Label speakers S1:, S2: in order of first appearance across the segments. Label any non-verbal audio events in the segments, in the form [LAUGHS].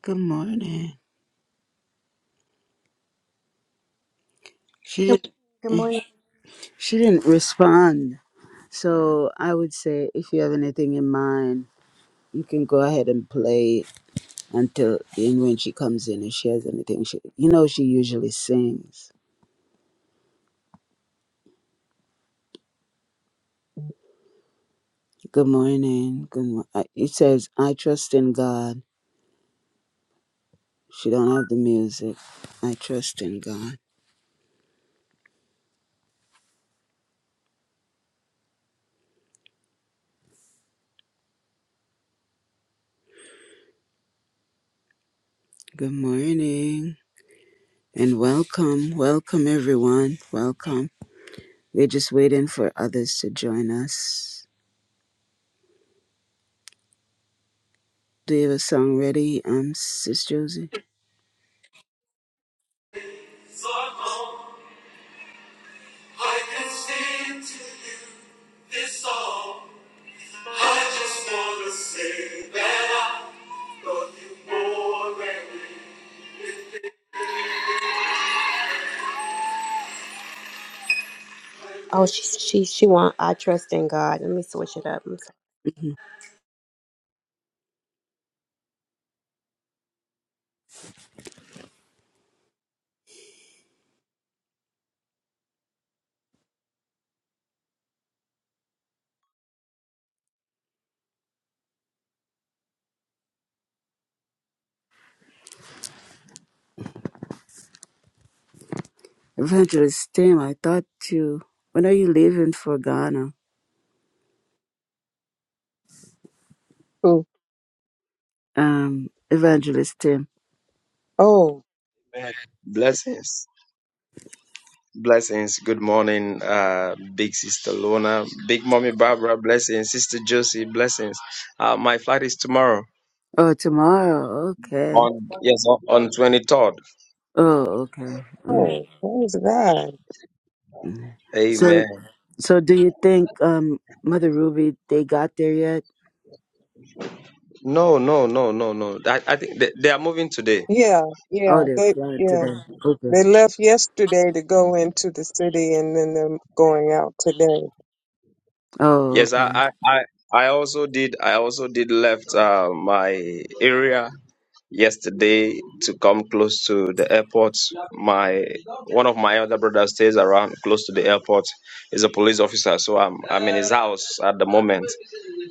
S1: Good morning. She
S2: Good
S1: didn't.
S2: morning. good
S1: eh,
S2: morning.
S1: She didn't respond. So I would say, if you have anything in mind, you can go ahead and play until and when she comes in. If she has anything, she you know she usually sings. Good morning. Good. Mo- I- it says, "I trust in God." She don't have the music. I trust in God. Good morning and welcome, welcome everyone, welcome. We're just waiting for others to join us. Do you have a song ready, um, Sis Josie?
S2: So long, I can sing to you this song. I just wanna say that I love you more than me. Oh, she she she want. I trust in God. Let me switch it up. I'm sorry.
S1: hmm Evangelist Tim, I thought you. When are you leaving for Ghana?
S3: Ooh,
S1: Um, Evangelist Tim.
S3: Oh,
S4: Amen. Blessings. Blessings. Good morning, uh, big sister Lona, big mommy Barbara. Blessings, sister Josie. Blessings. Uh, my flight is tomorrow
S1: Oh, tomorrow. Okay.
S4: on yes on on 23rd.
S1: Oh, okay. All right.
S3: oh, what was that?
S1: Mhm.
S4: Amen.
S1: So, so do you think, um, Mother Ruby, they got there yet?
S4: No, no, no, no, no. I, I think they, they are moving today.
S3: Yeah,
S1: Oh,
S3: yeah,
S1: they're
S3: they,
S1: flying
S3: yeah,
S1: today. Okay.
S3: they left yesterday to go into the city and then they're going out today.
S1: Oh,
S4: Yes, I,
S1: okay.
S4: I, I, I also did. I also did left uh, my area yesterday to come close to the airport. My one of my other brothers stays around close to the airport. He's a police officer, so I'm I'm in his house at the moment.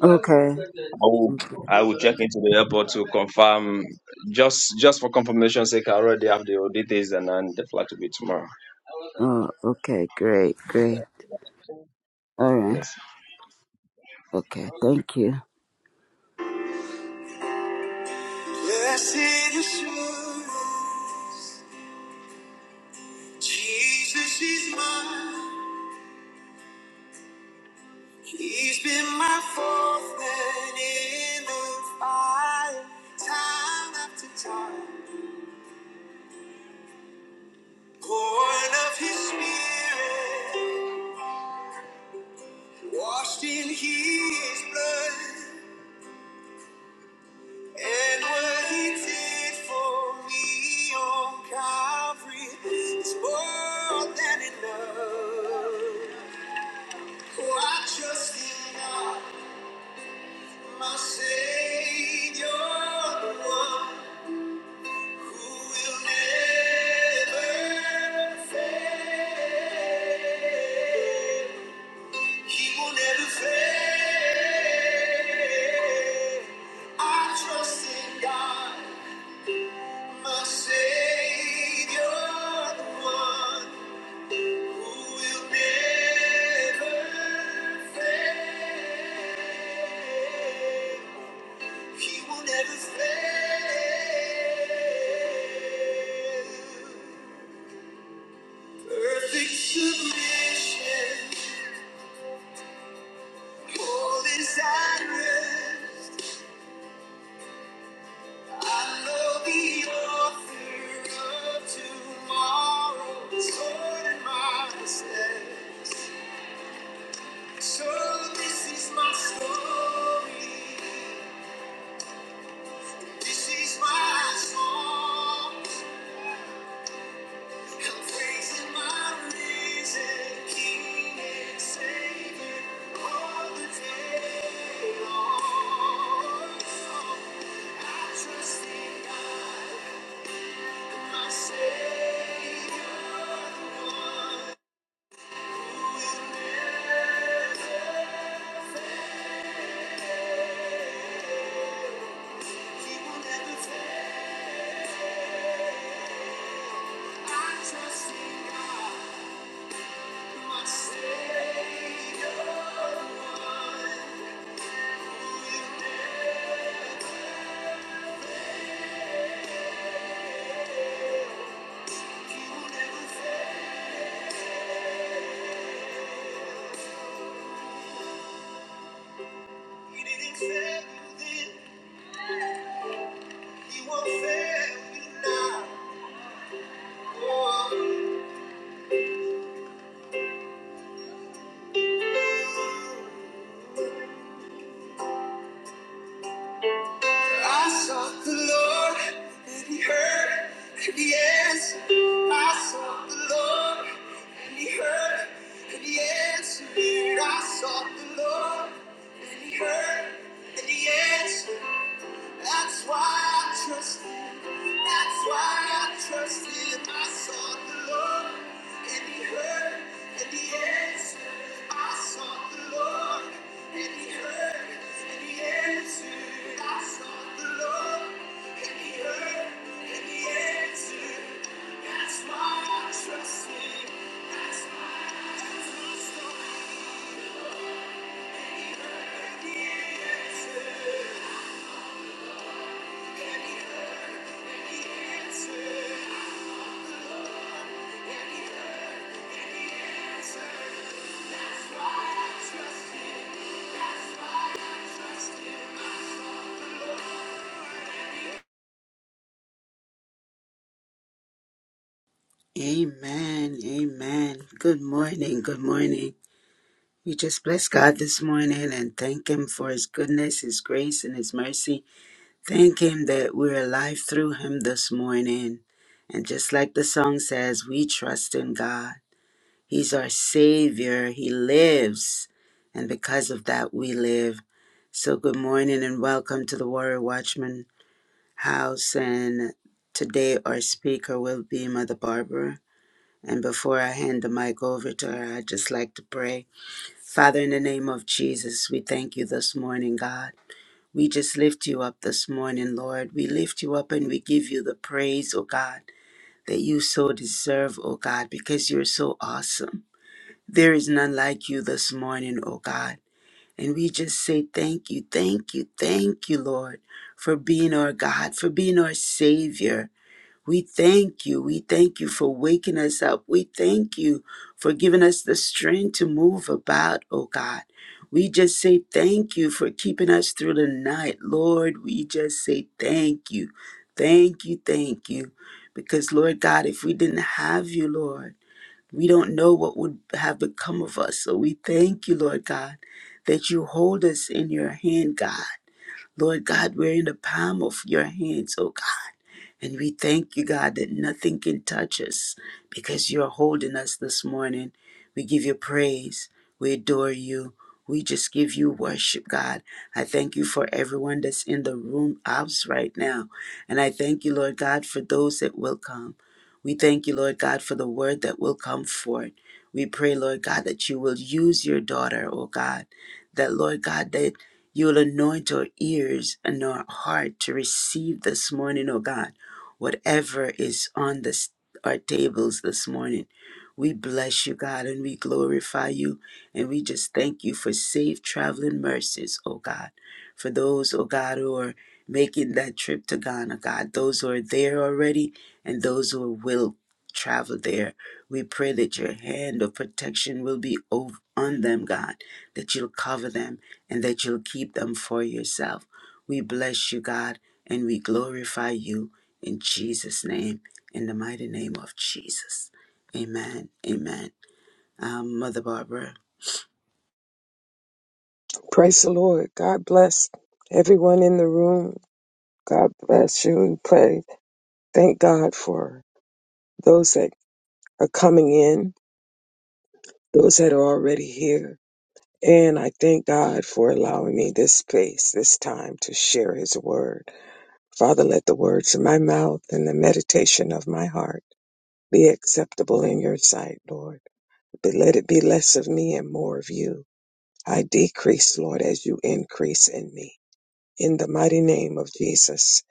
S1: Okay.
S4: I will I will check into the airport to confirm just just for confirmation sake. I already have the audit days and then the flight will be tomorrow.
S1: Oh, okay. Great. Great. All right.
S4: Yes.
S1: Okay. Thank you.
S2: Blessed assurance, Jesus is mine. He's been my fourth man in the fire, time after time. Born of his spirit, washed in his blood, and what he did for me on Calvary is more than enough. For I trust in God, my Savior, the one who will never fail. He will never fail. I trust in God, my Savior, the one who will never fail. He will never fail. Perfect submission, all is at rest. I know the author of tomorrow is holding my steps. So this is my story. This is my song. I'm praising my risen King and Savior all the day long. I trust in God. He won't fail you now. Oh. I sought the Lord and he heard and he answered. I sought the Lord and he heard and he answered. I sought the Lord and he heard and he answered. That's why I trust you. That's why I trust you. I sought the Lord and He heard and He answered. I sought the Lord and He heard and He answered. I sought the Lord and He heard and He answered. That's why I trust Him. That's why I trust Him. And He heard and He answered.
S1: Amen. Amen. Good morning. Good morning. We just bless God this morning and thank Him for His goodness, His grace, and His mercy. Thank Him that we're alive through Him this morning. And just like the song says, we trust in God. He's our Savior, He lives. And because of that, we live. So, good morning and welcome to the Warrior Watchman House. And today, our speaker will be Mother Barbara. And before I hand the mic over to her, I'd just like to pray. Father, in the name of Jesus, we thank you this morning, God. We just lift you up this morning, Lord. We lift you up and we give you the praise, O God, that you so deserve, O God, because you're so awesome. There is none like you this morning, O God. And we just say thank you, thank you, thank you, Lord, for being our God, for being our Savior, we thank you. We thank you for waking us up. We thank you for giving us the strength to move about, oh God. We just say thank you for keeping us through the night. Lord, we just say thank you. Thank you. Thank you. Because, Lord God, if we didn't have you, Lord, we don't know what would have become of us. So we thank you, Lord God, that you hold us in your hand, God. Lord God, we're in the palm of your hands, oh God. And we thank you, God, that nothing can touch us because you're holding us this morning. We give you praise. We adore you. We just give you worship, God. I thank you for everyone that's in the room ops right now. And I thank you, Lord God, for those that will come. We thank you, Lord God, for the word that will come forth. We pray, Lord God, that you will use your daughter, oh God, that, Lord God, that you will anoint our ears and our heart to receive this morning, oh God whatever is on this, our tables this morning. We bless you, God, and we glorify you, and we just thank you for safe traveling mercies, oh God. For those, oh God, who are making that trip to Ghana, God, those who are there already and those who will travel there, we pray that your hand of protection will be over on them, God, that you'll cover them and that you'll keep them for yourself. We bless you, God, and we glorify you in Jesus' name, in the mighty name of Jesus. Amen. Amen. Um, Mother Barbara.
S3: Praise the Lord. God bless everyone in the room. God bless you and pray. Thank God for those that are coming in, those that are already here. And I thank God for allowing me this space, this time to share his word. Father, let the words of my mouth and the meditation of my heart be acceptable in your sight, Lord. But let it be less of me and more of you. I decrease, Lord, as you increase in me. In the mighty name of Jesus,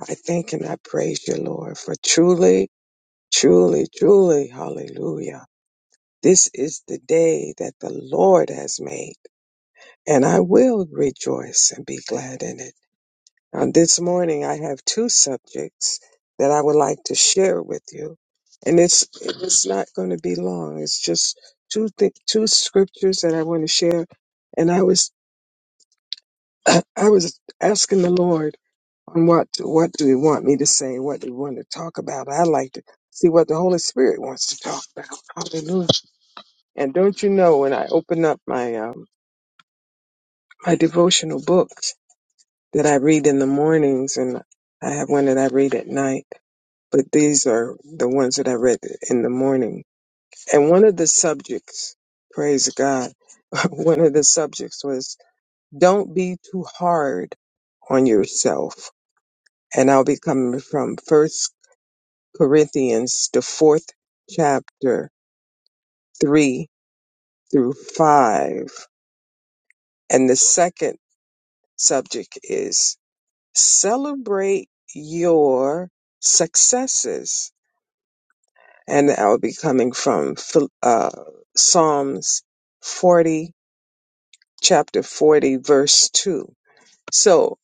S3: I thank and I praise you, Lord, for truly, truly, truly, hallelujah. This is the day that the Lord has made, and I will rejoice and be glad in it. Uh, this morning, I have two subjects that I would like to share with you, and it's it's not going to be long. It's just two th- two scriptures that I want to share, and I was [CLEARS THROAT] I was asking the Lord on what what do you want me to say, what do you want to talk about. I like to see what the Holy Spirit wants to talk about. Hallelujah! And don't you know when I open up my um, my devotional books that I read in the mornings, and I have one that I read at night but these are the ones that I read in the morning. And one of the subjects, praise God, [LAUGHS] one of the subjects was don't be too hard on yourself. And I'll be coming from First Corinthians, the fourth chapter, three through five. And the second subject is celebrate your successes and I will be coming from Phil- uh, Psalms 40, chapter 40, verse 2. So,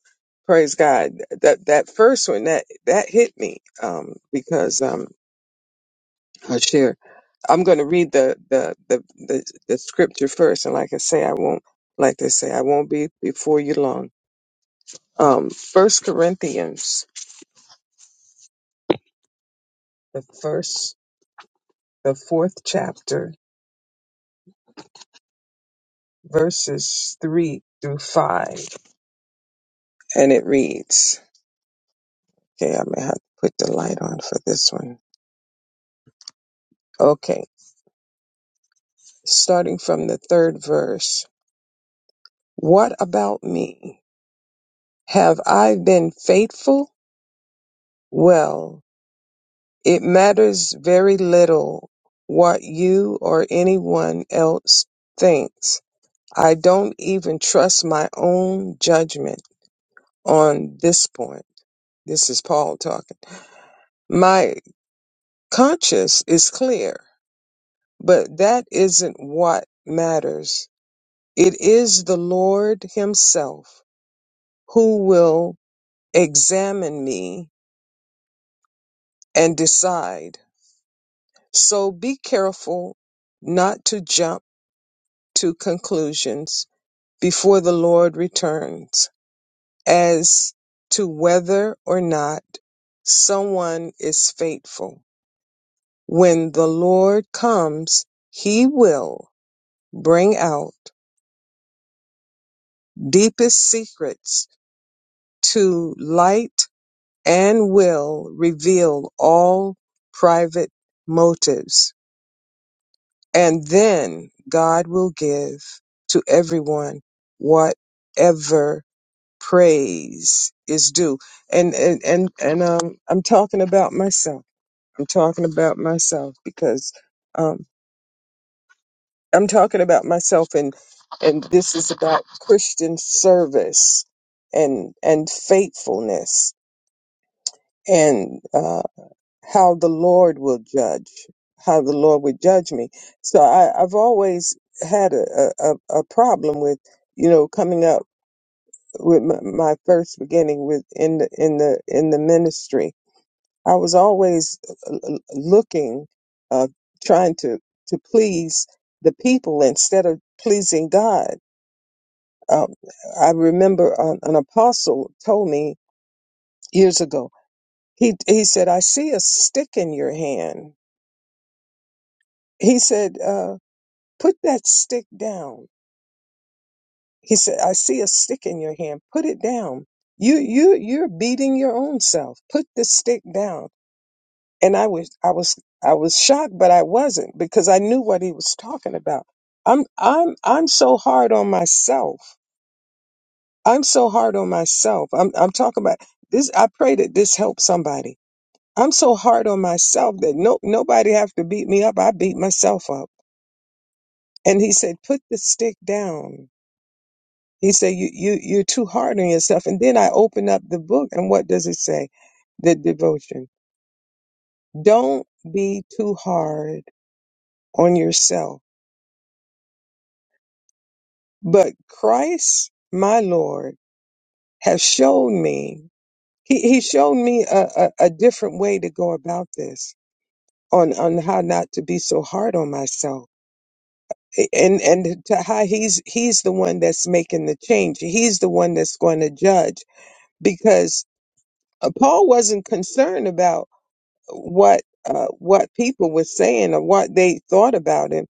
S3: praise God. That that first one that that hit me um, because um, I'll share. I'm going to read the, the the the the scripture first, and like I say, I won't like they say I won't be before you long. Um, First Corinthians, the first, the fourth chapter, verses three through five, and it reads. Okay, I may have to put the light on for this one. Okay, starting from the third verse. What about me? Have I been faithful? Well, it matters very little what you or anyone else thinks. I don't even trust my own judgment on this point. This is Paul talking. My conscience is clear, but that isn't what matters. It is the Lord Himself who will examine me and decide. So be careful not to jump to conclusions before the Lord returns as to whether or not someone is faithful. When the Lord comes, He will bring out deepest secrets to light and will reveal all private motives. And then God will give to everyone whatever praise is due. And and and, and um, I'm talking about myself. I'm talking about myself because um, I'm talking about myself, and and this is about Christian service and and faithfulness and uh, how the Lord will judge, how the Lord would judge me. So I, I've always had a, a, a a problem with, you know, coming up with my, my first beginning with in the in the in the ministry. I was always uh, uh, looking, uh, trying to to please the people instead of pleasing God. Um, I remember an, an apostle told me years ago. He he said, "I see a stick in your hand." He said. Uh, put that stick down. He said, I see a stick in your hand. Put it down. You you you're beating your own self. Put the stick down. And I was I was I was shocked, but I wasn't because I knew what he was talking about. I'm I'm I'm so hard on myself. I'm so hard on myself. I'm I'm talking about this I pray that this helps somebody. I'm so hard on myself that no nobody have to beat me up. I beat myself up. And he said, put the stick down He said, you, you, you're too hard on yourself. And then I open up the book and what does it say? The devotion. Don't be too hard on yourself. But Christ, my Lord, has shown me, he, he showed me a, a, a different way to go about this on, on how not to be so hard on myself. And, and to how he's, he's the one that's making the change. He's the one that's going to judge because uh, Paul wasn't concerned about what uh, what people were saying or what they thought about him.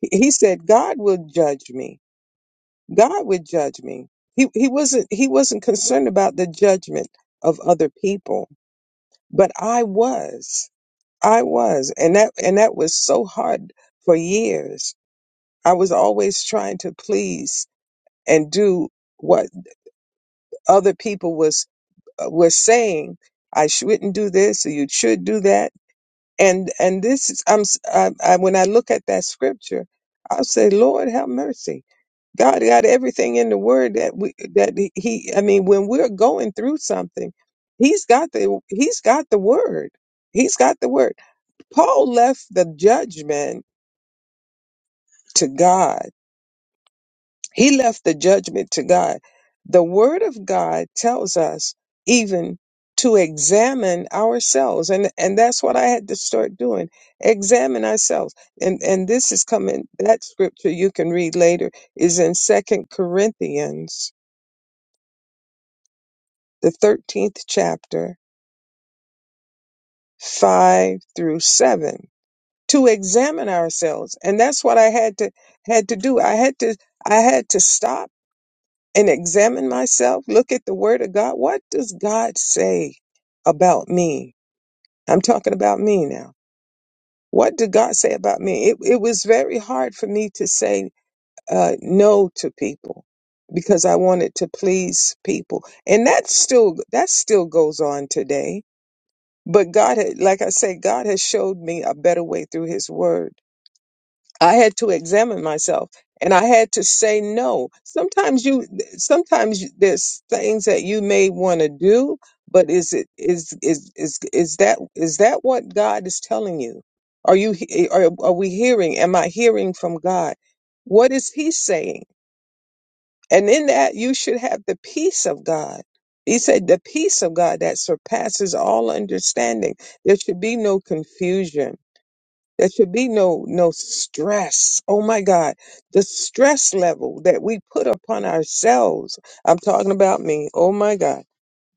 S3: He, he said, "God will judge me. God would judge me." He he wasn't he wasn't concerned about the judgment of other people, but I was. I was, and that and that was so hard for years. I was always trying to please and do what other people was uh, were saying. I shouldn't do this, or you should do that and and this is i'm s- I, I, when i look at that scripture i'll say lord have mercy god got everything in the word that we that he he- i mean when we're going through something he's got the he's got the word he's got the word paul left the judgment to god He left the judgment to God. The word of God tells us even to examine ourselves. And, and that's what I had to start doing. Examine ourselves. And, and this is coming, that scripture you can read later is in second Corinthians, the 13th chapter, five through seven to examine ourselves. And that's what I had to, had to do. I had to, I had to stop and examine myself, look at the word of God. What does God say about me? I'm talking about me now. What did God say about me? It, it was very hard for me to say uh, no to people because I wanted to please people. And that still, that still goes on today. But God had, like I said, God has showed me a better way through his word I had to examine myself and I had to say no. Sometimes you, sometimes you- there's things that you may want to do, but is it, is, is, is, is that, is that what God is telling you? Are you, he- eh, are, are we hearing? Am I hearing from God? What is he saying? And in that you should have the peace of God. He said the peace of God that surpasses all understanding. There should be no confusion there should be no no stress. Oh my God, the stress level that we put upon ourselves. I'm talking about me. Oh my God,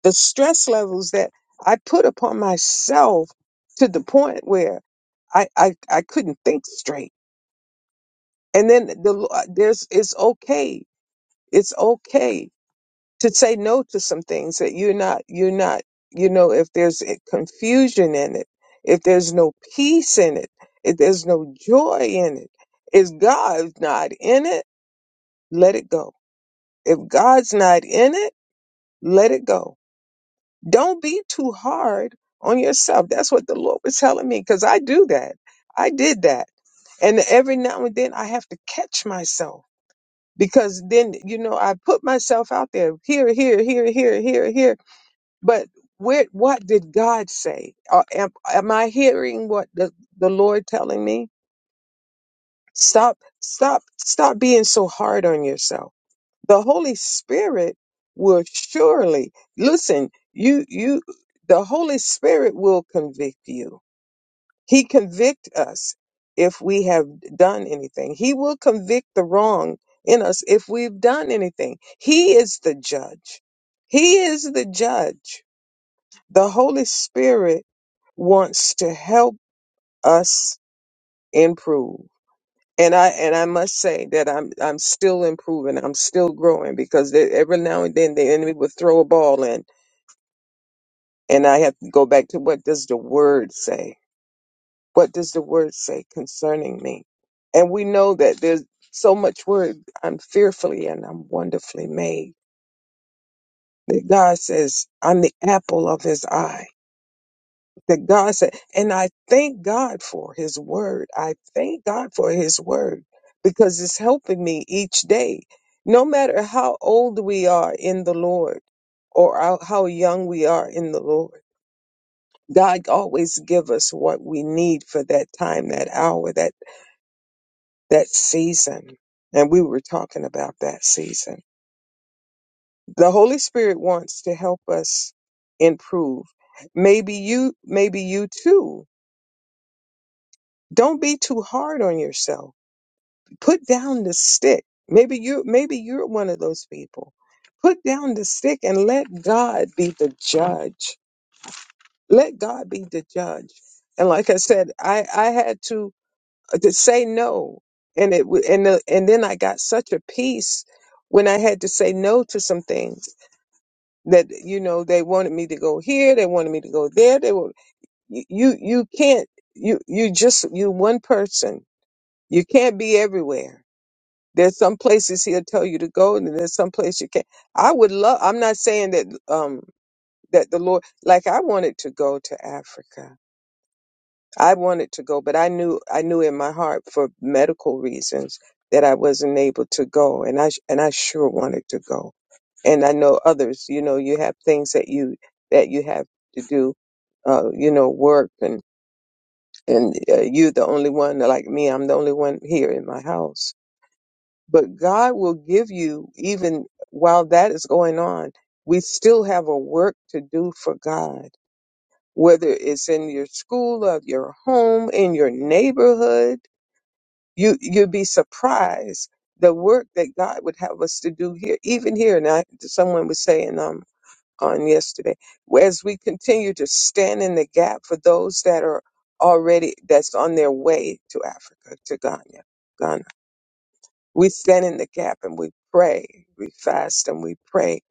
S3: the stress levels that I put upon myself to the point where I I, I couldn't think straight. And then the there's it's okay. It's okay to say no to some things that you're not you're not you know if there's a confusion in it if there's no peace in it if there's no joy in it if god's not in it let it go if god's not in it let it go don't be too hard on yourself that's what the lord was telling me because i do that i did that and every now and then I have to catch myself because then, you know, I put myself out there here, here, here, here, here, here. But where, what did God say? Or am, am I hearing what the, the Lord telling me? Stop, stop, stop being so hard on yourself. The Holy Spirit will surely listen. You, you, the Holy Spirit will convict you. He convict us if we have done anything. He will convict the wrong in us if we've done anything. He is the judge. He is the judge. The Holy Spirit wants to help us improve. And I and I must say that I'm I'm still improving. I'm still growing because they, every now and then the enemy would throw a ball in, and I have to go back to what does the word say? What does the word say concerning me? And we know that there's so much word. I'm fearfully and I'm wonderfully made. That God says I'm the apple of His eye. that God said. And I thank God for his word. I thank God for his word because it's helping me each day. No matter how old we are in the Lord or how how young we are in the Lord, God always give us what we need for that time, that hour, that, that season. And we were talking about that season. The Holy Spirit wants to help us improve. Maybe you, maybe you too. Don't be too hard on yourself put down the stick. Maybe you maybe you're one of those people. Put down the stick and let God be the judge. Let God be the judge. And like I said, I I had to uh, to say no, and it wa- and the, and then I got such a peace when I had to say no to some things that you know they wanted me to go here, they wanted me to go there. They were you you you can't you you just you one person. You can't be everywhere There's some places he'll tell you to go, and there's some place you can't. I would love. I'm not saying that um that the Lord like I wanted to go to Africa. I wanted to go, but I knew I knew in my heart for medical reasons that I wasn't able to go, and I sh- and I sure wanted to go. And I know others. You know, you have things that you that you have to do. Uh, you know, work and and uh, you the only one like me. I'm the only one here in my house but God will give you, even while that is going on, we still have a work to do for God, whether it's in your school, of your home, in your neighborhood. You, you'd be surprised the work that God would have us to do here, even here. And I, someone was saying um, on yesterday, as we continue to stand in the gap for those that are already, that's on their way to Africa, to Ghana, Ghana. We stand in the gap and we pray. We fast and we pray.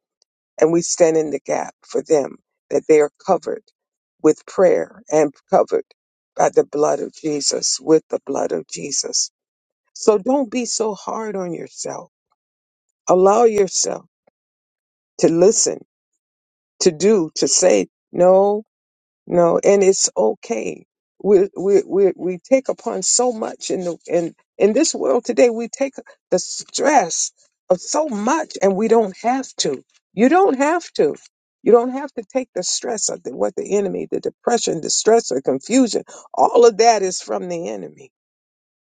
S3: And we stand in the gap for them that they are covered with prayer and covered by the blood of Jesus, with the blood of Jesus. So don't be so hard on yourself. Allow yourself to listen, to do, to say, no, No, and it's okay. We we we we take upon so much in the in in this world today. We take the stress of so much, and we don't have to. You don't have to. You don't have to take the stress of the, what the enemy, the depression, the stress, the confusion. All of that is from the enemy.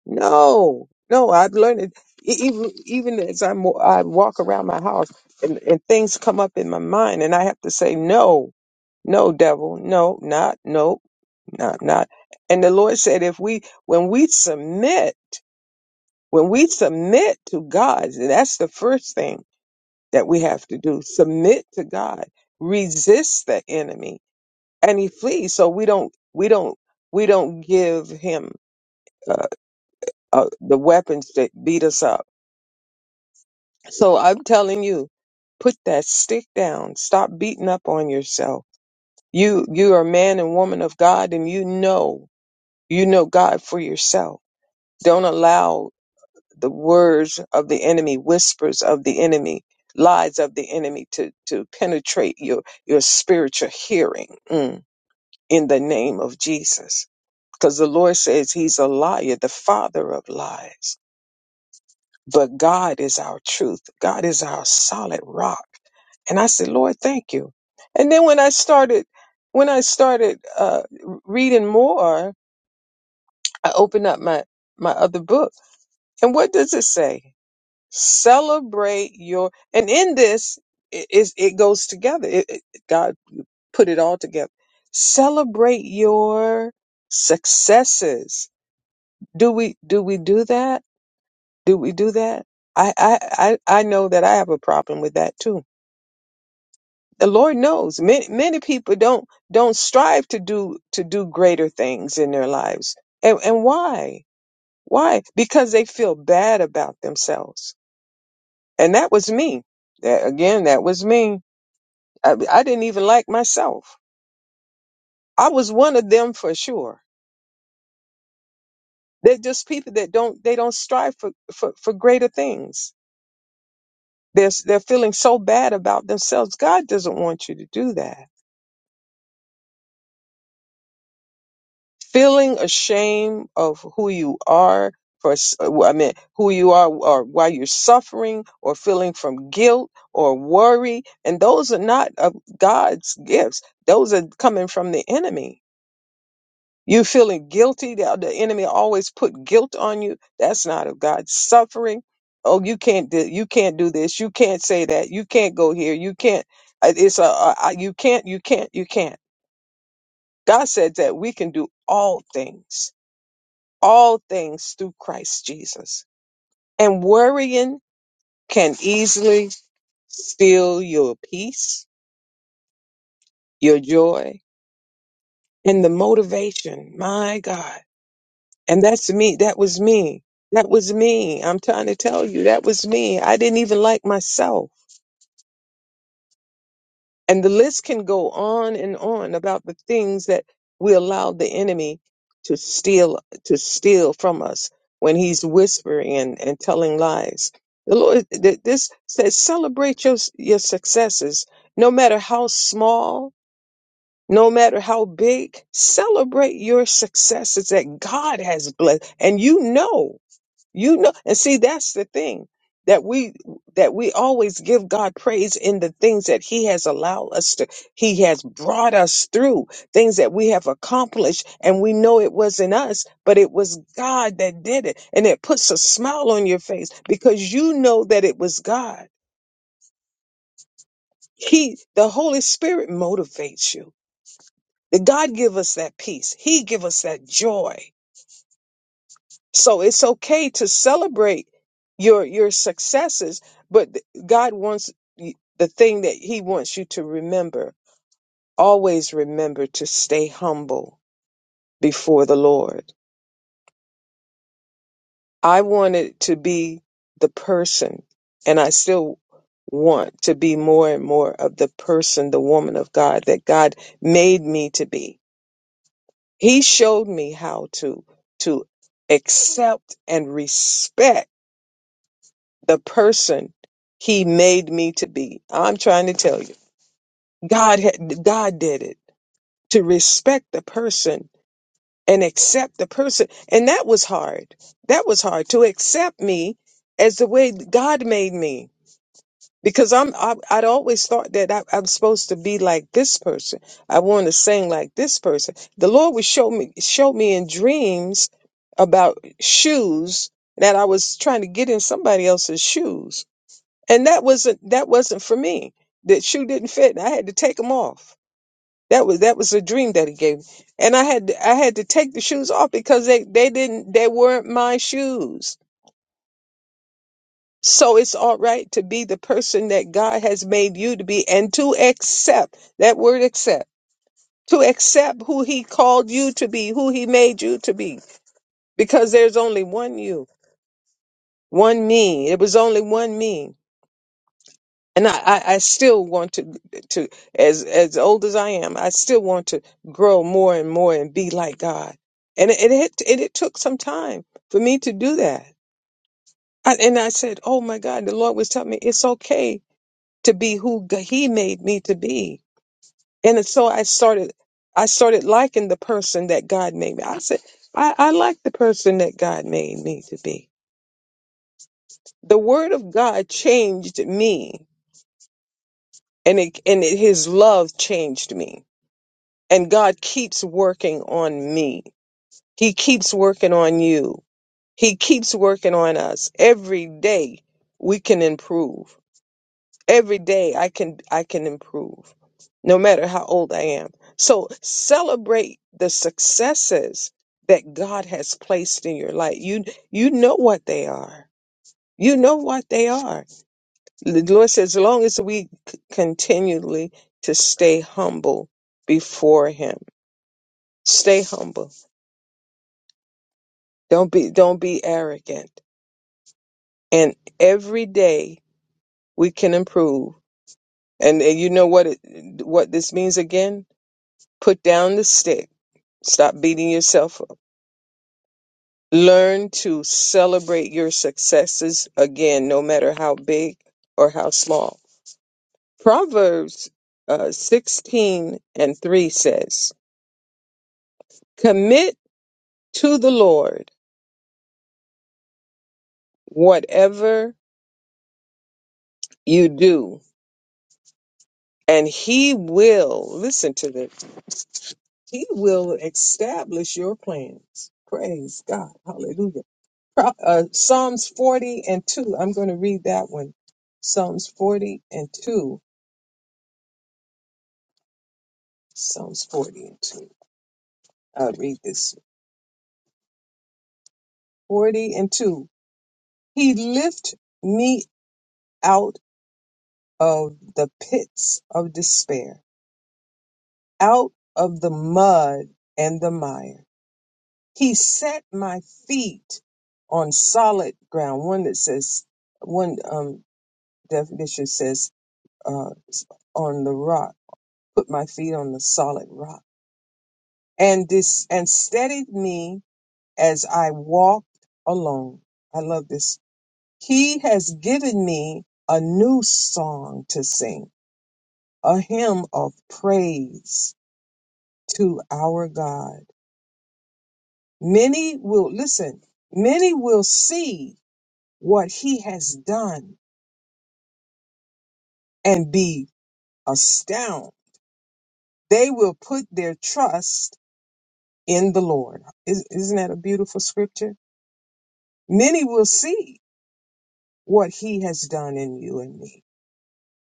S3: No, no. I've learned it. E- Even even as I mo- I walk around my house, and and things come up in my mind, and I have to say no. No, devil, no, not, no, not not and the lord said if we when we submit when we submit to god that's the first thing that we have to do submit to god resist the enemy and he flees so we don't we don't we don't give him uh, uh, the weapons that beat us up so i'm telling you put that stick down stop beating up on yourself you you are a man and woman of god and you know you know god for yourself don't allow the words of the enemy, whispers of the enemy, lies of the enemy to, to penetrate your, your spiritual hearing mm, in the name of Jesus. Because the Lord says he's a liar, the father of lies. But God is our truth. God is our solid rock. And I said, Lord, thank you. And then when I started, when I started uh, reading more, I opened up my, my other book. And what does it say? celebrate your and in this it, it, it goes together it, it- god put it all together celebrate your successes do we do we do that do we do that i i i, I know that i have a problem with that too the lord knows many, many people don't don't strive to do to do greater things in their lives and and why why because they feel bad about themselves and that was me that again that was me I, I didn't even like myself. I was one of them for sure. They're just people that don't they don't strive for for, for greater things. They're s- they're feeling so bad about themselves. God doesn't want you to do that. Feeling ashamed of who you are for s- well, I mean who you are or why you're suffering or feeling from guilt or worry and those are not of God's gifts. Those are coming from the enemy You feeling guilty? The, the enemy always put guilt on you. That's not of God. Suffering. Oh, you can't do. You can't do this. You can't say that. You can't go here. You can't. uh, It's a. a- a- You can't. You can't. You can't. God said that we can do all things. All things through Christ Jesus. And worrying can easily steal your peace, your joy, and the motivation. My God And that's me. That was me. That was me. I'm trying to tell you, that was me. I didn't even like myself. And the list can go on and on about the things that we allowed the enemy to steal to steal from us when he's whispering and, and telling lies. The Lord th- this says celebrate your your successes, no matter how small, no matter how big, celebrate your successes that God has blessed. And you know You know, and see, that's the thing that we that we always give God praise in the things that He has allowed us to. He has brought us through things that we have accomplished, and we know it wasn't us, but it was God that did it, and it puts a smile on your face because you know that it was God. He, the Holy Spirit, motivates you. That God give us that peace. He give us that joy So it's okay to celebrate your your successes, but th- God wants y- the thing that he wants you to remember. Always remember to stay humble before the Lord. I wanted to be the person and I still want to be more and more of the person, the woman of God that God made me to be. He showed me how to to accept and respect the person he made me to be. I'm trying to tell you, God had, God did it to respect the person and accept the person. And that was hard. That was hard to accept me as the way God made me. Because I'm, I, I'd always thought that I, I'm supposed to be like this person. I want to sing like this person. The Lord would show me, show me in dreams about shoes that I was trying to get in somebody else's shoes and that wasn't that wasn't for me. That shoe didn't fit, and I had to take them off. That was that was a dream that he gave me, and I had to, I had to take the shoes off because they they didn't they weren't my shoes. So it's all right to be the person that God has made you to be, and to accept that word accept to accept who He called you to be, who He made you to be, because there's only one you, one me. It was only one me and I, I, I still want to to as as old as I am, I still want to grow more and more and be like God. And it it, it, it took some time for me to do that. I, and I said, "Oh my God!" The Lord was telling me it's okay to be who G- He made me to be. And so I started I started liking the person that God made me. I said, "I, I like the person that God made me to be." The Word of God changed me, and it and it, His love changed me And God keeps working on me. He keeps working on you. He keeps working on us. Every day we can improve. Every day I can I can improve. No matter how old I am. So celebrate the successes that God has placed in your life. You you know what they are. You know what they are. The Lord says as long as we c- continually to stay humble before him. Stay humble Don't be don't be arrogant. And every day we can improve. And, and you know what it, what this means again? Put down the stick. Stop beating yourself up. Learn to celebrate your successes again, no matter how big or how small. Proverbs uh, 16 and 3 says, Commit to the Lord whatever you do, and he will, listen to this He will establish your plans. Praise God. Hallelujah. Pro- Uh, Psalms 40 and 2. I'm going to read that one. Psalms 40 and 2. Psalms 40 and 2. I'll read this. 40 and 2. He lift me out of the pits of despair, out of the mud and the mire. He set my feet on solid ground. One that says, one um, definition says, uh, on the rock, put my feet on the solid rock, and this and steadied me as I walked along. I love this. He has given me a new song to sing, a hymn of praise to our God. Many will listen, many will see what he has done and be astounded. They will put their trust in the Lord. Is- Isn't that a beautiful scripture? Many will see what he has done in you and me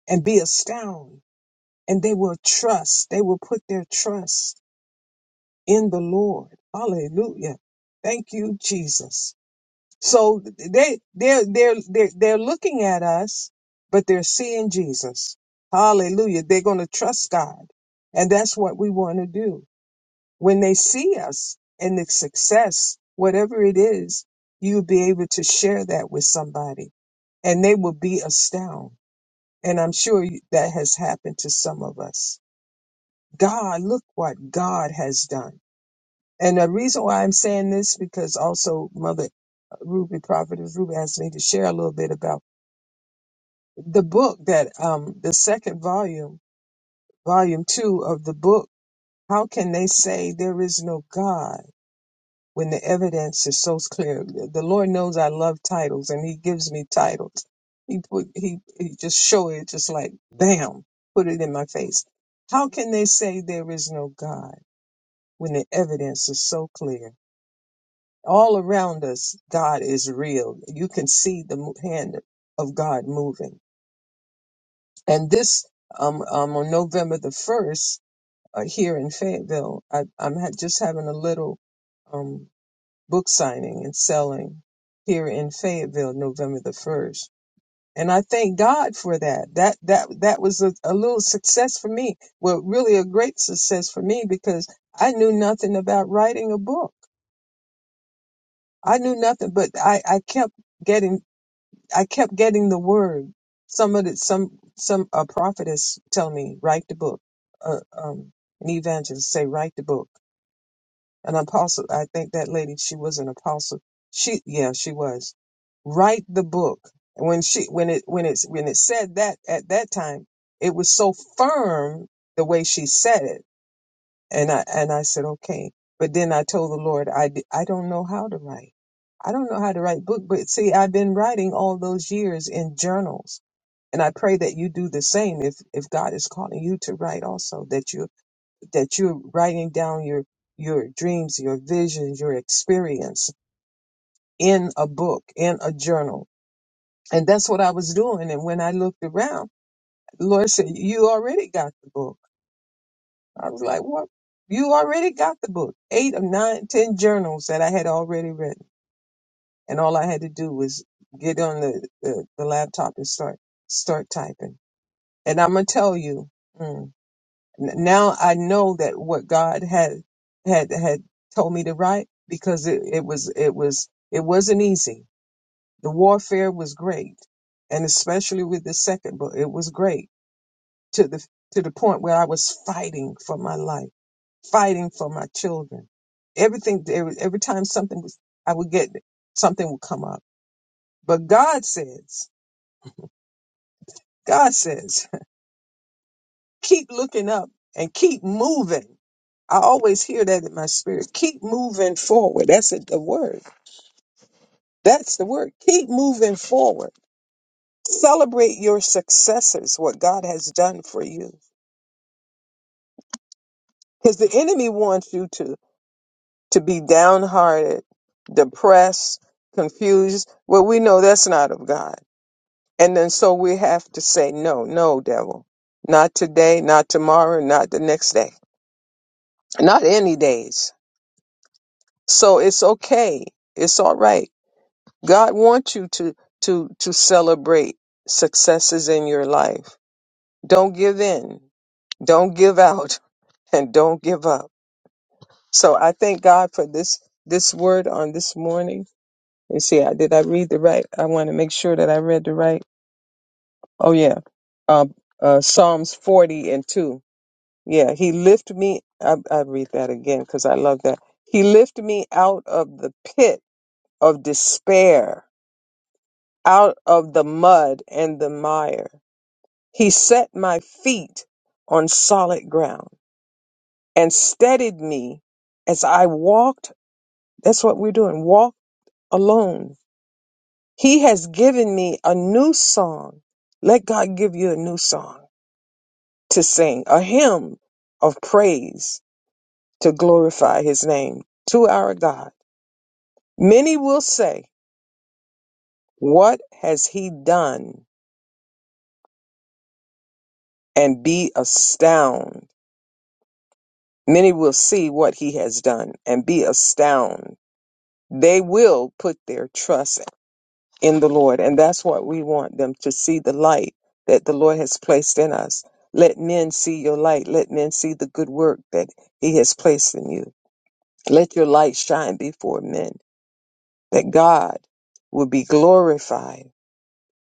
S3: and be astounded. And they will trust, they will put their trust in the Lord. Hallelujah. Thank you, Jesus. So they, they're, they're, they're, they're looking at us, but they're seeing Jesus. Hallelujah. They're going to trust God. And that's what we want to do. when they see us and the success, whatever it is, you'll be able to share that with somebody and they will be astounded. And I'm sure you- that has happened to some of us. God, look what God has done. And the reason why I'm saying this, because also Mother Ruby, Prophetess Ruby asked me to share a little bit about the book that, um, the second volume, volume two of the book, How Can They Say There Is No God? when the evidence is so clear. The Lord knows I love titles, and He gives me titles. He put He He just show it, just like bam, put it in my face. How can they say there is no God when the evidence is so clear? All around us, God is real. You can see the mo- hand of God moving. And this um, um on November the first uh, here in Fayetteville, I, I'm ha- just having a little. um, book signing and selling here in Fayetteville, November the first. And I thank God for that. That that that was a, a little success for me. Well, really a great success for me because I knew nothing about writing a book. I knew nothing, but I, I kept getting I kept getting the word. Some of the some some a prophetess tell me write the book. Uh, um, an evangelist say write the book an apostle. I think that lady, she was an apostle. She, yeah, she was. Write the book. And When she, when it, when it's, when it said that at that time, it was so firm the way she said it. And I, and I said, okay. But then I told the Lord, I, d- I don't know how to write. I don't know how to write book, but see, I've been writing all those years in journals. And I pray that you do the same if, if God is calling you to write also, that you that you're writing down your your dreams, your visions, your experience in a book, in a journal. And that's what I was doing. And when I looked around, the Lord said, You already got the book. I was like, What? You already got the book. Eight or nine, ten journals that I had already written. And all I had to do was get on the, the, the laptop and start start typing. And I'm gonna tell you. mm, N- now I know that what God had had had told me to write because it, it was it was it wasn't easy. The warfare was great, and especially with the second book, it was great to the to the point where I was fighting for my life, fighting for my children. Everything every, every time something was, I would get something would come up. But God says, God says. Keep looking up and keep moving. I always hear that in my spirit. Keep moving forward. That's it, the word. That's the word. Keep moving forward. Celebrate your successes, what God has done for you. Because the enemy wants you to, to be downhearted, depressed, confused. Well, we know that's not of God. And then so we have to say, no, no, devil. Not today, not tomorrow, not the next day, not any days So it's okay. It's all right. God wants you to to to celebrate successes in your life. Don't give in. Don't give out [LAUGHS] and don't give up. So I thank God for this this word on this morning. You see, I did I read the right? I want to make sure that I read the right. Oh yeah. Um uh Psalms 40 and 2. Yeah, he lift me I I read that again cuz I love that. He lift me out of the pit of despair out of the mud and the mire. He set my feet on solid ground and steadied me as I walked. That's what we're doing walk alone. He has given me a new song. Let God give you a new song to sing, a hymn of praise to glorify his name to our God. Many will say, What has he done? and be astounded Many will see what he has done and be astounded. They will put their trust in the Lord. And that's what we want them to see the light that the Lord has placed in us. Let men see your light. Let men see the good work that he has placed in you. Let your light shine before men that God will be glorified.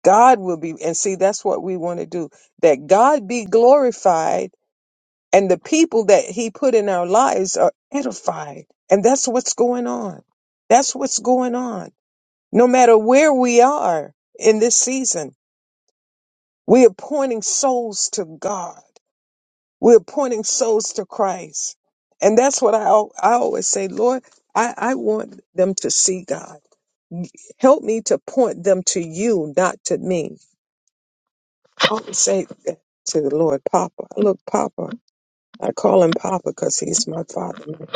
S3: God will be, and see, that's what we want to do. That God be glorified And the people that he put in our lives are edified. And that's what's going on. That's what's going on. No matter where we are in this season, we are pointing souls to God. We're pointing souls to Christ. And that's what I, al- I always say, Lord, I, I want them to see God. Help me to point them to you, not to me. I always say that to the Lord, Papa, look, Papa. I call him Papa because he's my father.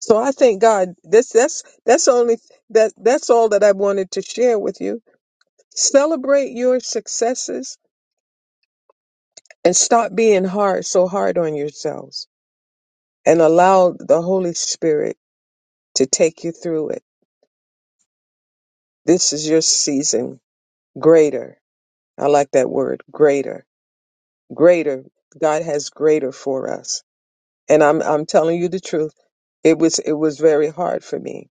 S3: So I thank God. This that's that's only that that's all that I wanted to share with you. Celebrate your successes and stop being hard so hard on yourselves and allow the Holy Spirit to take you through it. This is your season. Greater. I like that word. Greater. Greater. God has greater for us. And I'm I'm telling you the truth. It was it was very hard for me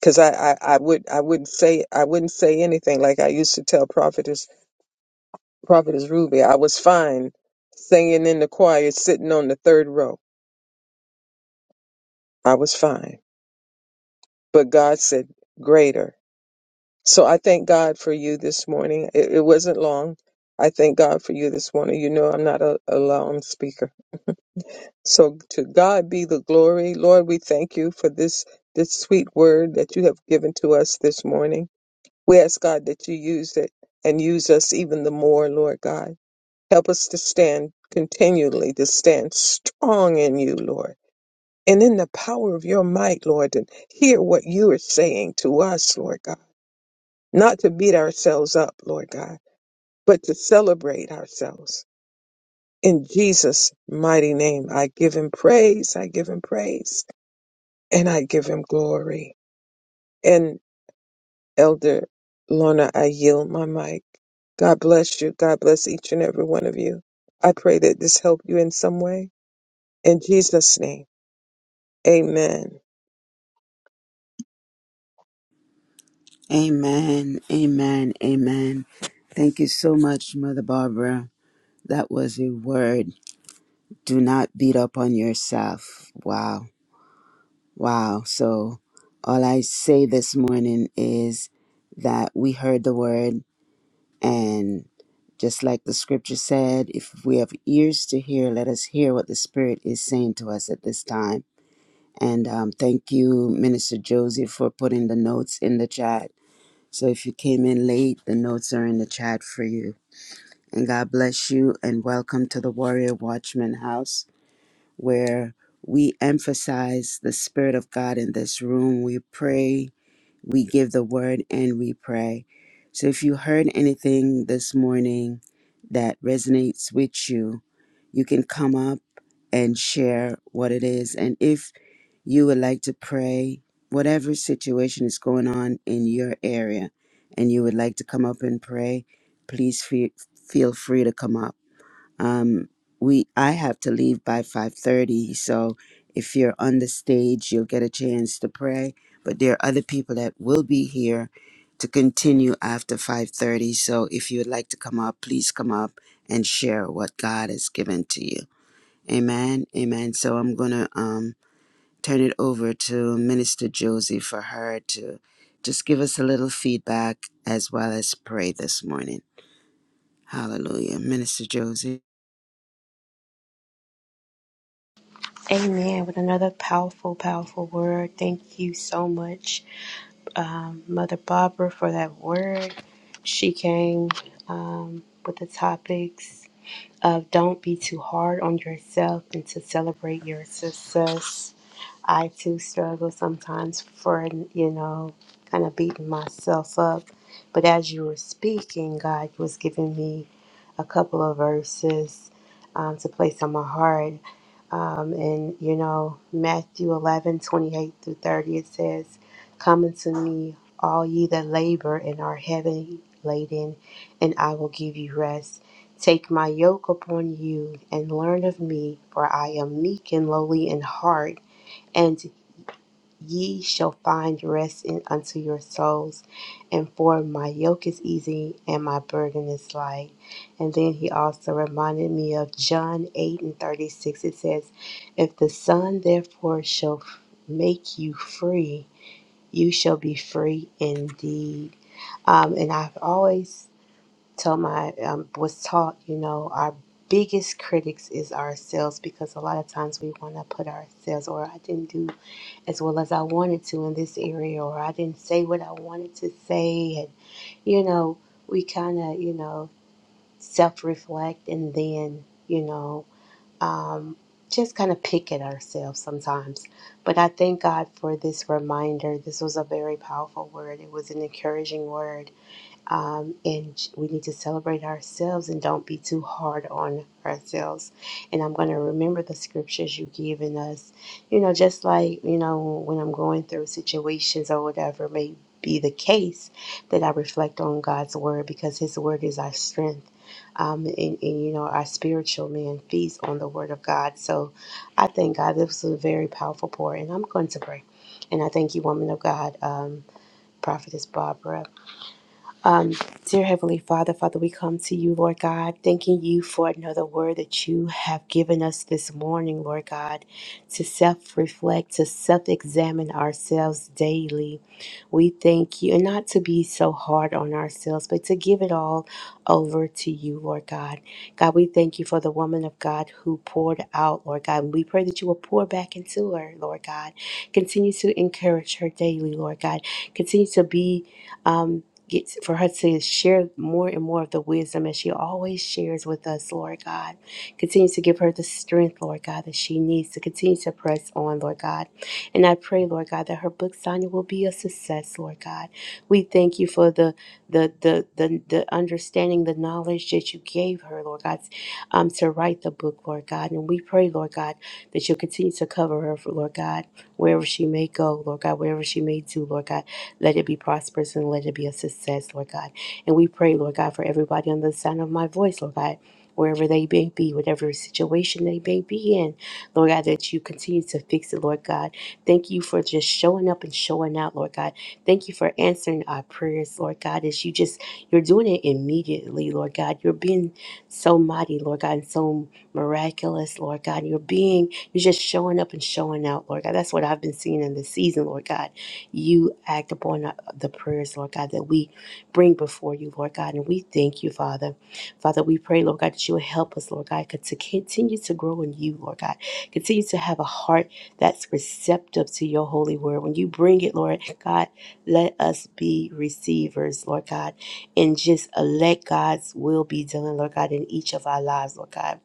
S3: because I, I I would I wouldn't say I wouldn't say anything like I used to tell Prophet. Prophetess Ruby, I was fine singing in the choir, sitting on the third row. I was fine. But God said, greater. So I thank God for you this morning. It, it wasn't long. I thank God for you this morning. You know, I'm not a, a long speaker. So to God be the glory. Lord, we thank you for this, this sweet word that you have given to us this morning. We ask God that you use it and use us even the more, Lord God. Help us to stand continually, to stand strong in you, Lord, and in the power of your might, Lord, and hear what you are saying to us, Lord God. Not to beat ourselves up, Lord God, but to celebrate ourselves. In Jesus' mighty name, I give him praise, I give him praise, and I give him glory. And Elder Lorna, I yield my mic. God bless you. God bless each and every one of you. I pray that this helped you in some way. In Jesus' name. Amen.
S1: Amen. Amen. Amen. Thank you so much, Mother Barbara. That was a word. Do not beat up on yourself. Wow. Wow. So, all I say this morning is that we heard the word, and just like the scripture said, if we have ears to hear, let us hear what the Spirit is saying to us at this time And um, thank you, Minister Josie, for putting the notes in the chat. So if you came in late, the notes are in the chat for you. And God bless you and welcome to the Warrior Watchman House, where we emphasize the Spirit of God in this room. We pray, we give the word, and we pray. So if you heard anything this morning that resonates with you, you can come up and share what it is. And if you would like to pray, whatever situation is going on in your area, and you would like to come up and pray, please fe- feel free to come up. Um, we I have to leave by five thirty, so if you're on the stage, you'll get a chance to pray. But there are other people that will be here to continue after five thirty. So if you would like to come up, please come up and share what God has given to you. Amen. Amen. So I'm gonna um turn it over to Minister Josie for her to just give us a little feedback as well as pray this morning. Hallelujah. Minister Josie.
S2: Amen. With another powerful, powerful word. Thank you so much, um, Mother Barbara, for that word. She came um, with the topics of don't be too hard on yourself and to celebrate your success. I too struggle sometimes for, you know, kind of beating myself up. But as you were speaking, God was giving me a couple of verses um, to place on my heart. Um, and, you know, Matthew 11 28 through 30, it says, Come unto me, all ye that labor and are heavy laden, and I will give you rest. Take my yoke upon you and learn of me, for I am meek and lowly in heart and ye shall find rest in, unto your souls. And for my yoke is easy and my burden is light. And then he also reminded me of John 8 and 36. It says, If the Son therefore shall f- make you free, you shall be free indeed. Um, and I've always told my, um, was taught, you know, our biggest critics is ourselves because a lot of times we want to put ourselves, or I didn't do as well as I wanted to in this area, or I didn't say what I wanted to say. And, you know, we kind of, you know, self reflect and then, you know, um, just kind of pick at ourselves sometimes. But I thank God for this reminder. This was a very powerful word, it was an encouraging word um, and we need to celebrate ourselves and don't be too hard on ourselves. And I'm going to remember the scriptures you've given us. You know, just like you know when I'm going through situations or whatever may be the case, that I reflect on God's word because His word is our strength. Um, and, and you know our spiritual man feeds on the word of God. So I thank God this was a very powerful pour, and I'm going to pray. And I thank you, woman of God, um, prophetess Barbara, um, dear Heavenly Father, Father, we come to you, Lord God, thanking you for another word that you have given us this morning, Lord God, to self reflect, to self examine ourselves daily. We thank you, and not to be so hard on ourselves, but to give it all over to you, Lord God. God, we thank you for the woman of God who poured out, Lord God. we pray that you will pour back into her, Lord God. Continue to encourage her daily, Lord God. Continue to be um, get for her to share more and more of the wisdom as she always shares with us, Lord God. Continue to give her the strength, Lord God, that she needs to continue to press on, Lord God. And I pray, Lord God, that her book signing will be a success, Lord God. We thank you for the the the the, the understanding, the knowledge that you gave her, Lord God um, to write the book, Lord God. And we pray, Lord God, that you'll continue to cover her, Lord God, wherever she may go, Lord God, wherever she may do, Lord God. Let it be prosperous and let it be a success, Lord God. And we pray, Lord God, for everybody on the sound of my voice, Lord God wherever they may be, whatever situation they may be in. Lord God, that you continue to fix it, Lord God. Thank you for just showing up and showing out, Lord God. Thank you for answering our prayers, Lord God, as you just, you're doing it immediately, Lord God. You're being so mighty, Lord God, and so miraculous, Lord God. You're being, you're just showing up and showing out, Lord God. That's what I've been seeing in this season, Lord God. You act upon uh, the prayers, Lord God, that we bring before you, Lord God. And we thank you, Father. Father, we pray, Lord God, that you will help us, Lord God, to continue to grow in you, Lord God. Continue to have a heart that's receptive to your holy word. When you bring it, Lord God, let us be receivers, Lord God, and just uh, let God's will be done, Lord God, in each of our lives, Lord God.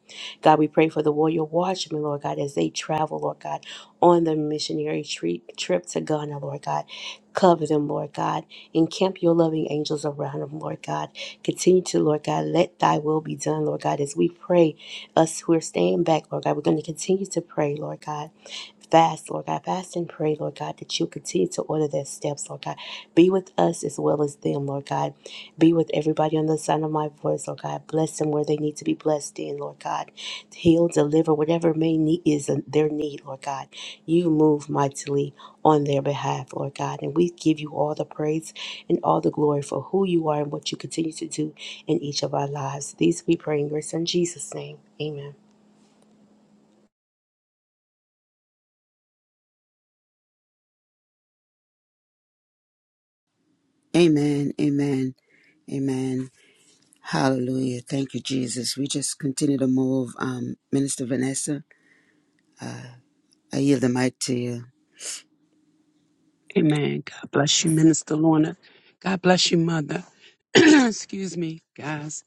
S2: God, we pray for the warrior watchmen, Lord God, as they travel, Lord God, on the missionary trip, trip to Ghana, Lord God. Cover them, Lord God. Encamp your loving angels around them, Lord God. Continue to, Lord God, let thy will be done, Lord God, as we pray. Us who are staying back, Lord God, we're going to continue to pray, Lord God fast, Lord God. Fast and pray, Lord God, that you continue to order their steps, Lord God. Be with us as well as them, Lord God. Be with everybody on the sound of my voice, Lord God. Bless them where they need to be blessed in, Lord God. Heal, deliver, whatever may need is their need, Lord God. You move mightily on their behalf, Lord God. And we give you all the praise and all the glory for who you are and what you continue to do in each of our lives. These we pray in your son Jesus' name. Amen.
S1: Amen. Amen. Amen. Hallelujah. Thank you, Jesus. We just continue to move. Um, Minister Vanessa, I yield the mic to you.
S5: Amen. God bless you, Minister Lorna. God bless you, Mother. [CLEARS THROAT] Excuse me, guys.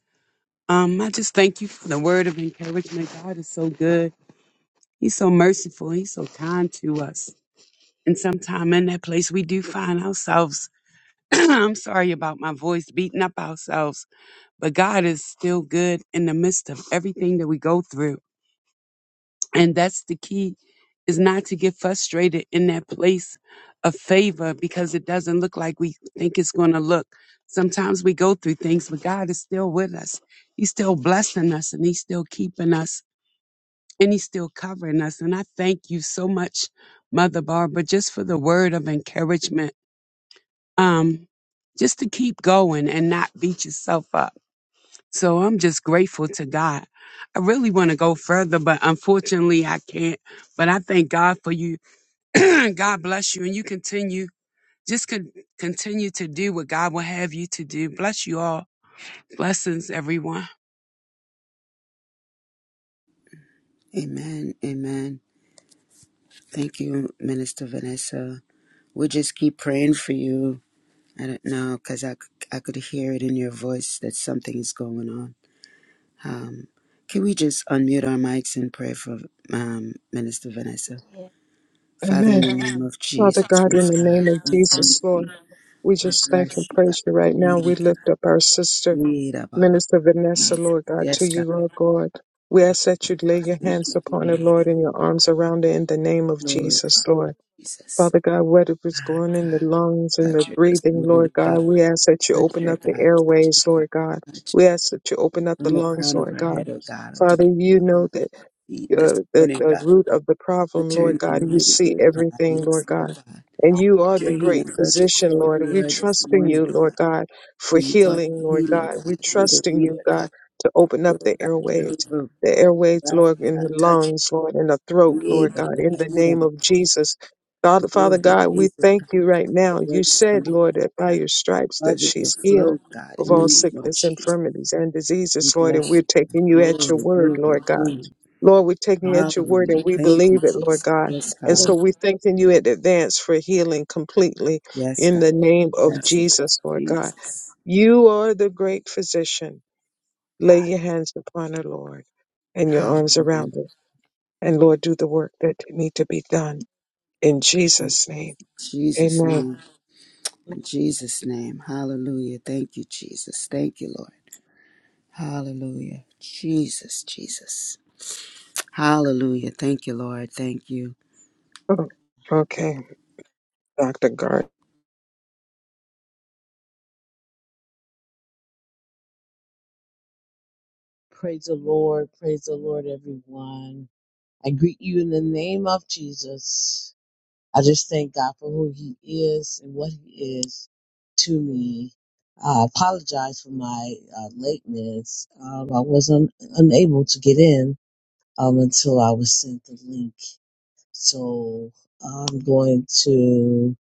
S5: Um, I just thank you for the word of encouragement. God is so good. He's so merciful. He's so kind to us. And sometime in that place, we do find ourselves. [CLEARS THROAT] I'm sorry about my voice beating up ourselves, but God is still good in the midst of everything that we go through. And that's the key is not to get frustrated in that place of favor because it doesn't look like we think it's going to look. Sometimes we go through things, but God is still with us. He's still blessing us and he's still keeping us and he's still covering us. And I thank you so much, Mother Barbara, just for the word of encouragement. Um, just to keep going and not beat yourself up so I'm just grateful to God. I really want to go further, but unfortunately I can't. But I thank God for you. [CLEARS THROAT] God bless you. And you continue, just con- continue to do what God will have you to do. Bless you all. Blessings, everyone.
S1: Amen. Amen. Thank you, Minister Vanessa. We just keep praying for you. I don't know, because I, c- I could hear it in your voice that something is going on. Um, can we just unmute our mics and pray for um, Minister Vanessa? Father, in
S3: Amen.
S1: the name of
S3: Father
S1: Jesus,
S3: God, in
S1: yes,
S3: the
S1: God,
S3: name of
S1: we thank
S3: Jesus,
S1: you.
S3: Lord, we
S1: We
S3: just thank and
S1: bless you, God.
S3: praise you right now.
S1: We
S3: We
S1: God.
S3: lift up our sister,
S1: Yeah, da, ba, ba.
S3: Minister Vanessa,
S1: Jesus.
S3: Lord God, to
S1: Yes,
S3: you,
S1: God,
S3: Lord God. We ask that you
S1: I
S3: lay your
S1: thank
S3: hands
S1: you. Give
S3: upon her,
S1: me the
S3: Lord, and your arms around her in the name of
S1: glory,
S3: Jesus, Lord.
S1: Jesus.
S3: Father God, whatever is
S1: Ah,
S3: going in the
S1: God,
S3: lungs and
S1: touch
S3: the
S1: her this
S3: breathing,
S1: morning,
S3: Lord
S1: oh
S3: God,
S1: God.
S3: we ask that you
S1: Touch
S3: open
S1: her,
S3: up the
S1: God. Touch her,
S3: airways,
S1: God.
S3: Lord God.
S1: Touch her.
S3: We ask that you open up
S1: From
S3: the
S1: the
S3: lungs,
S1: crown of
S3: Lord
S1: her
S3: God.
S1: head, oh God, to
S3: Father,
S1: the
S3: you know that.
S1: feet this
S3: uh, the,
S1: morning,
S3: the
S1: God.
S3: root of the problem, Lord
S1: Return the
S3: God. You
S1: mighty
S3: see
S1: way, God.
S3: everything,
S1: Yes,
S3: Lord
S1: Lord
S3: God.
S1: God.
S3: And you are the
S1: Your
S3: great
S1: healing virtue
S3: physician,
S1: flow
S3: Lord. And
S1: through
S3: we
S1: her this
S3: trust in
S1: morning,
S3: you, Lord
S1: God.
S3: God,
S1: For
S3: for
S1: you are
S3: healing,
S1: the
S3: Lord
S1: healer,
S3: God.
S1: God.
S3: We
S1: You're the
S3: trust in you,
S1: healer, God.
S3: God, to open up
S1: Oh,
S3: the
S1: God,
S3: airways,
S1: Jehovah,
S3: the airways,
S1: Rapha,
S3: Lord, in
S1: God,
S3: the
S1: touch
S3: lungs, Lord, in the throat,
S1: me,
S3: Lord God,
S1: Baba,
S3: in the
S1: Ida,
S3: name of Jesus. Father, Father
S1: Elizabeth,
S3: God, we
S1: Elizabeth,
S3: thank you right
S1: the
S3: now. You
S1: Grace, come
S3: said,
S1: on,
S3: Lord, that by
S1: God.
S3: your stripes that
S1: Mother, the
S3: she's
S1: flow,
S3: healed
S1: God,
S3: of
S1: in the
S3: all
S2: Yeah.
S1: name of
S3: sickness,
S1: Jesus.
S3: infirmities, and diseases,
S1: We
S3: Lord, and
S1: bless
S3: we're
S1: you.
S3: taking you at your
S1: Glory,
S3: word,
S1: glory,
S3: Lord God.
S1: glory.
S3: Lord, we're taking you at your word and
S1: Hallelujah.
S3: we
S1: Thank you,
S3: believe it, Lord
S1: Jesus.
S3: God.
S1: Yes,
S3: And
S1: God.
S3: so we thanking you in advance for healing completely
S1: Yes,
S3: in
S1: God.
S3: the name of
S1: Yes, God.
S3: Jesus, Lord God.
S1: Jesus.
S3: You are the great physician. Lay your hands upon her, Lord, and your arms
S1: Hallelujah.
S3: around her. And Lord, do the work that need to be done in
S1: In
S3: Jesus' name.
S1: Jesus'
S3: Amen.
S1: name. In Jesus' name. Hallelujah. Thank you, Jesus. Thank you, Lord. Hallelujah. Jesus, Jesus. Hallelujah. Thank you, Lord. Thank you.
S3: Oh, okay, Dr. Gard.
S6: Praise the Lord. Praise the Lord, everyone. I greet you in the name of Jesus. I just thank God for who He is and what He is to me. I apologize for my uh, lateness. Um, I was un- unable to get in um, until I was sent the link. So I'm going to.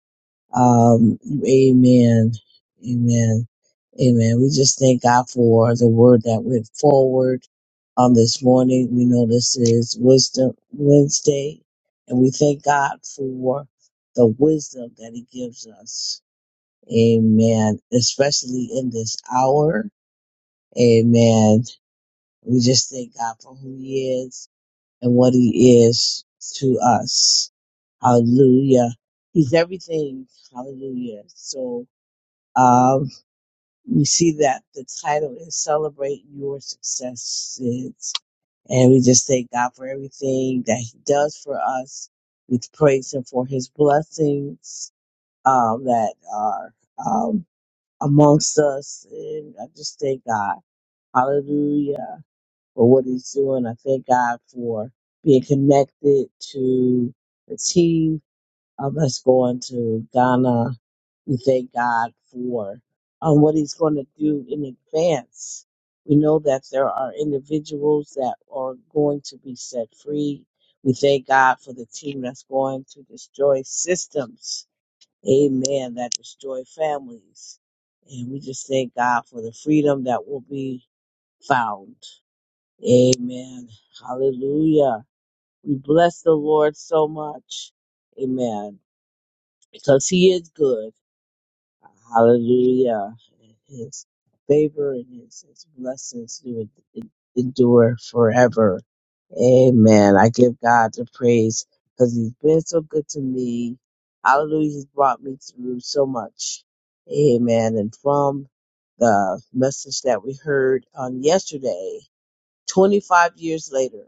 S6: Um, amen. Amen. Amen. We just thank God for the word that went forward on this morning. We know this is Wisdom Wednesday, and we thank God for the wisdom that He gives us. Amen. Especially in this hour. Amen. We just thank God for who He is and what He is to us. Hallelujah. He's everything. Hallelujah. So, um, we see that the title is Celebrate Your Successes. And we just thank God for everything that He does for us. We praise Him for His blessings um, that are um, amongst us. And I just thank God. Hallelujah for what He's doing. I thank God for being connected to the team um, us going to Ghana. We thank God for um, what He's going to do in advance. We know that there are individuals that are going to be set free. We thank God for the team that's going to destroy systems. Amen. That destroy families. And we just thank God for the freedom that will be found. Amen. Hallelujah. We bless the Lord so much. Amen because he is good. Hallelujah. His favor and his, his blessings do en- endure forever. Amen. I give God the praise because he's been so good to me. Hallelujah. He's brought me through so much. Amen. And from the message that we heard on yesterday, 25 years later.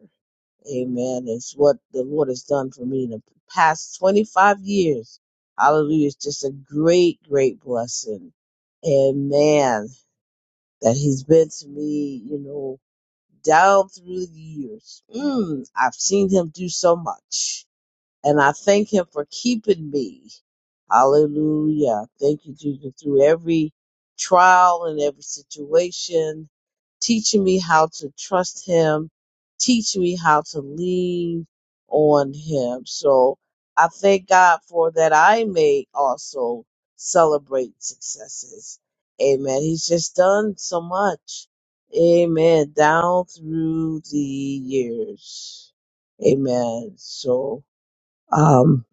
S6: Amen. It's what the Lord has done for me in the past 25 years. Hallelujah. It's just a great, great blessing. And man, that He's been to me, you know, down through the years. Mm, I've seen Him do so much. And I thank him for keeping me. Hallelujah. Thank you, Jesus, through every trial and every situation, teaching me how to trust him, teaching me how to lean on him. So I thank God for that I may also celebrate successes. Amen. He's just done so much. Amen. Down through the years. Amen. So. Um,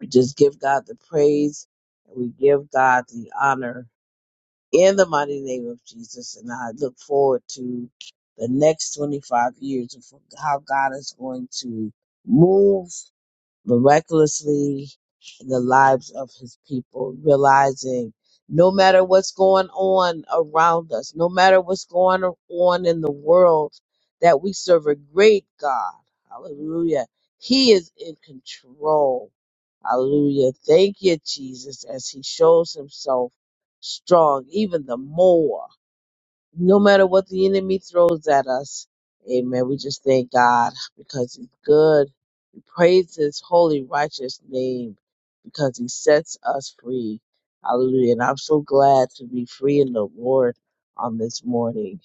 S6: we just give God the praise and we give God the honor in the mighty name of Jesus. And I look forward to the next 25 years of how God is going to move miraculously in the lives of his people, realizing no matter what's going on around us, no matter what's going on in the world, that we serve a great God. Hallelujah. He is in control. Hallelujah. Thank you, Jesus, as he shows himself strong even the more. No matter what the enemy throws at us. Amen. We just thank God because he's good Praise his holy, righteous name because he sets us free. Hallelujah. And I'm so glad to be free in the Lord on this morning.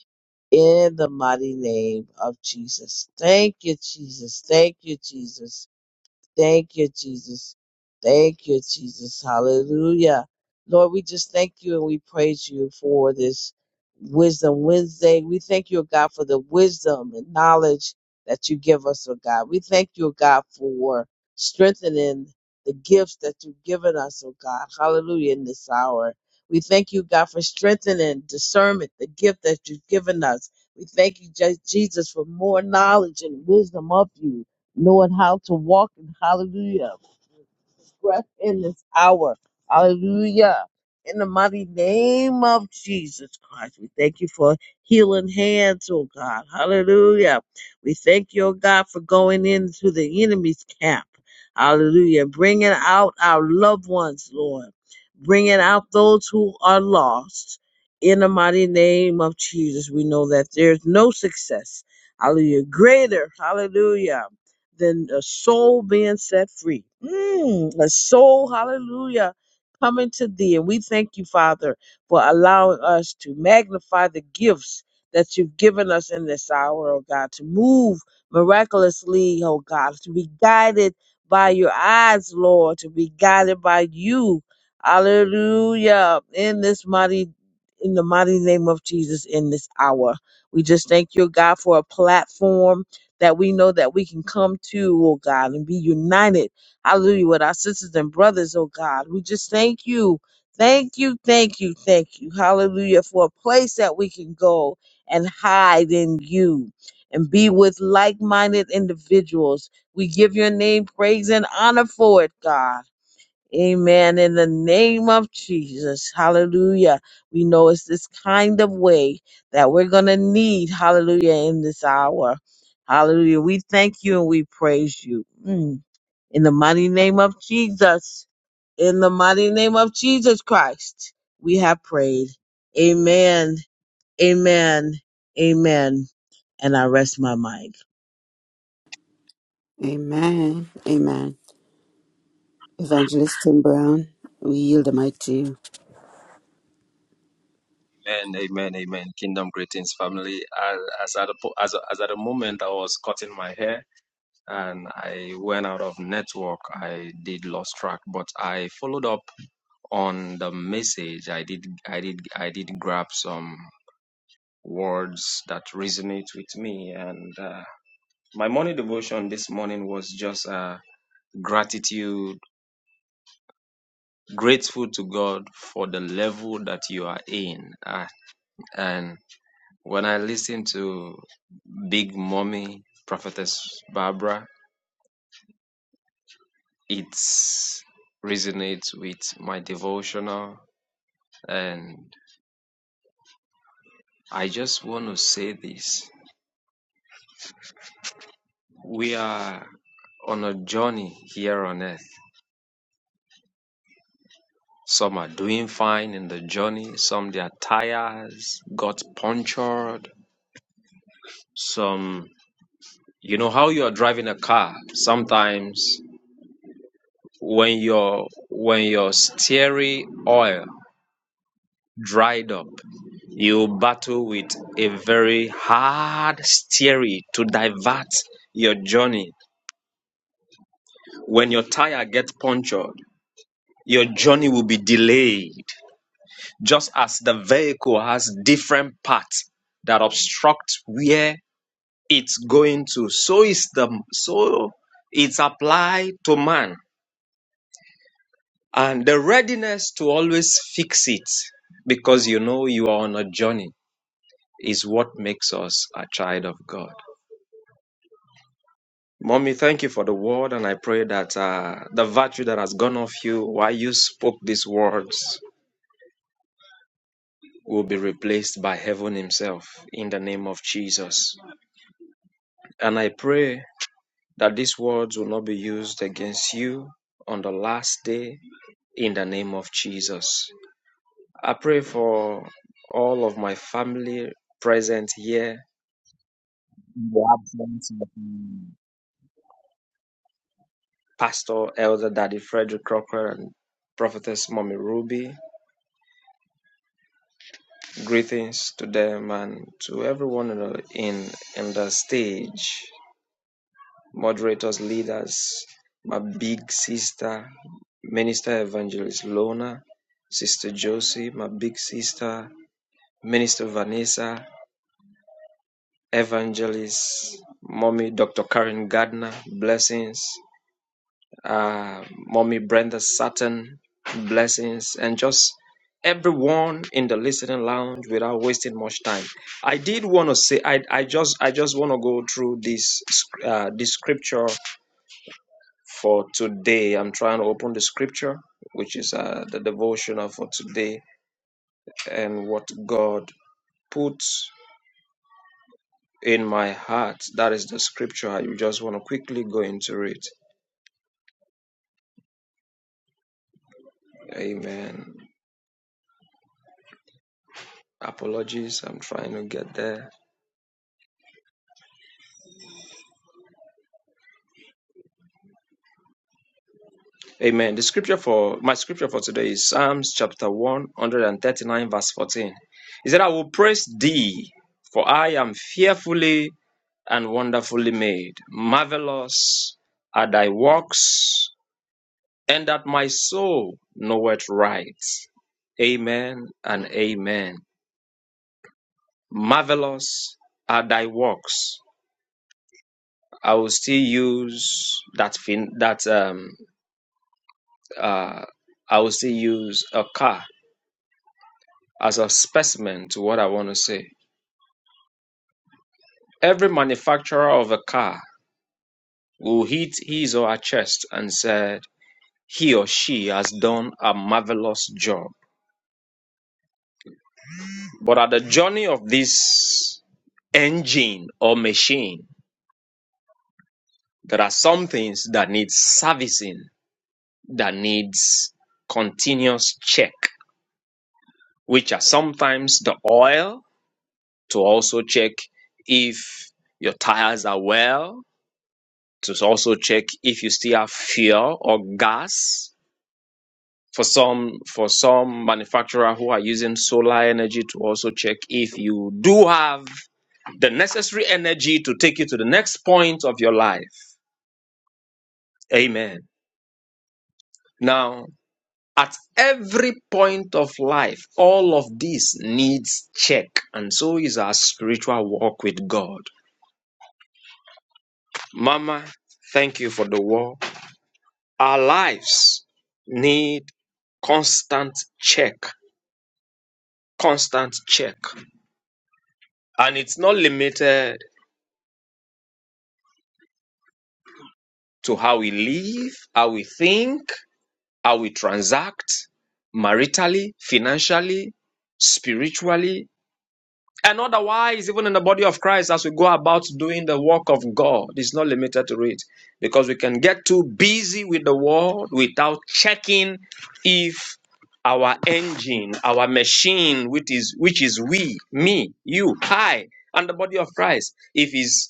S6: In the mighty name of Jesus. Thank you, Jesus. Thank you, Jesus. Thank you, Jesus. Thank you, Jesus. Hallelujah. Lord, we just thank you and we praise you for this Wisdom Wednesday. We thank you, oh God, for the wisdom and knowledge that you give us, oh God. We thank you, oh God, for strengthening the gifts that you've given us, oh God. Hallelujah, in this hour. We thank you, God, for strengthening discernment, the gift that you've given us. We thank you, Je- Jesus, for more knowledge and wisdom of you knowing how to walk in hallelujah, breath in this hour. Hallelujah. In the mighty name of Jesus Christ, we thank you for healing hands, oh God. Hallelujah. We thank you, oh God, for going into the enemy's camp. Hallelujah. Bringing out our loved ones, Lord. Bringing out those who are lost. In the mighty name of Jesus, we know that there's no success. Hallelujah. Greater. Hallelujah than a soul being set free. Mm, a soul, hallelujah, coming to thee. And we thank you, Father, for allowing us to magnify the gifts that you've given us in this hour, oh God, to move miraculously, oh God, to be guided by your eyes, Lord, to be guided by you. Hallelujah. In this mighty, in the mighty name of Jesus, in this hour. We just thank you, God, for a platform that we know that we can come to, oh God, and be united. Hallelujah. With our sisters and brothers, oh God. We just thank you. Thank you, thank you, thank you. Hallelujah. For a place that we can go and hide in you and be with like minded individuals. We give your name praise and honor for it, God. Amen. In the name of Jesus. Hallelujah. We know it's this kind of way that we're going to need. Hallelujah. In this hour. Hallelujah. We thank you and we praise you. Mm. In the mighty name of Jesus. In the mighty name of Jesus Christ, we have prayed. Amen. Amen. Amen. And I rest my mind.
S1: Amen. Amen. Evangelist Tim Brown, we yield the mic to you.
S4: Amen, amen, amen. Kingdom greetings, family. As, as at the po- as, as at the moment, I was cutting my hair and I went out of network. I did lost track, but I followed up on the message i did i did i did grab some words that resonate with me and uh, my morning devotion this morning was just uh, gratitude grateful to god for the level that you are in uh, and when i listen to big mommy prophetess barbara it resonates with my devotional and i just want to say this we are on a journey here on earth. Some are doing fine in the journey, some their tires got punctured, some you know how you are driving a car sometimes when your when your steering oil dried up you battle with a very hard steering to divert your journey when your tire gets punctured your journey will be delayed just as the vehicle has different parts that obstruct where it's going to so is the so it's applied to man and the readiness to always fix it because you know you are on a journey is what makes us a child of god mommy thank you for the word and i pray that uh, the virtue that has gone off you while you spoke these words will be replaced by heaven himself in the name of jesus and i pray that these words will not be used against you on the last day in the name of Jesus. I pray for all of my family present here Pastor Elder Daddy Frederick Crocker and Prophetess Mommy Ruby. Greetings to them and to everyone in the, in, in the stage, moderators, leaders, my big sister, Minister Evangelist Lona, Sister Josie, my big sister, Minister Vanessa, Evangelist, Mommy Dr. Karen Gardner, blessings, uh, Mommy Brenda Sutton, blessings, and just everyone in the listening lounge without wasting much time. I did want to say, I, I just, I just want to go through this, sc- uh, this scripture for today. I'm trying to open the scripture, which is uh, the devotional for today, and what God put. in my heart. That is the scripture. You just want to quickly go into it. Amen. Apologies, I'm trying to get there. Amen. The scripture for my scripture for today is Psalms chapter 139, verse 14. He said, I will praise thee, for I am fearfully and wonderfully made. Marvelous are thy works, and that my soul knoweth right. Amen and amen. Marvelous are thy works, I will still use that fin that um uh I will still use a car as a specimen to what I want to say. Every manufacturer of a car will hit his or her chest and said he or she has done a marvelous job. But at the journey of this engine or machine, there are some things that need servicing, that needs continuous check, which are sometimes the oil, to also check if your tires are well, to also check if you still have fuel or gas. For some, for some manufacturer who are using solar energy to also check if you do have the necessary energy to take you to the next point of your life. Amen. Now, at every point of life, all of this needs check, and so is our spiritual walk with God. Mama, thank you for the word. Our lives need constant check, constant check. And it's not limited to how we live, how we think, how we transact maritally, financially, spiritually, And otherwise, even in the body of Christ, as we go about doing the work of God, it's not limited to it because we can get too busy with the world without checking if our engine, our machine, which is which is we, me, you, I, and the body of Christ, if is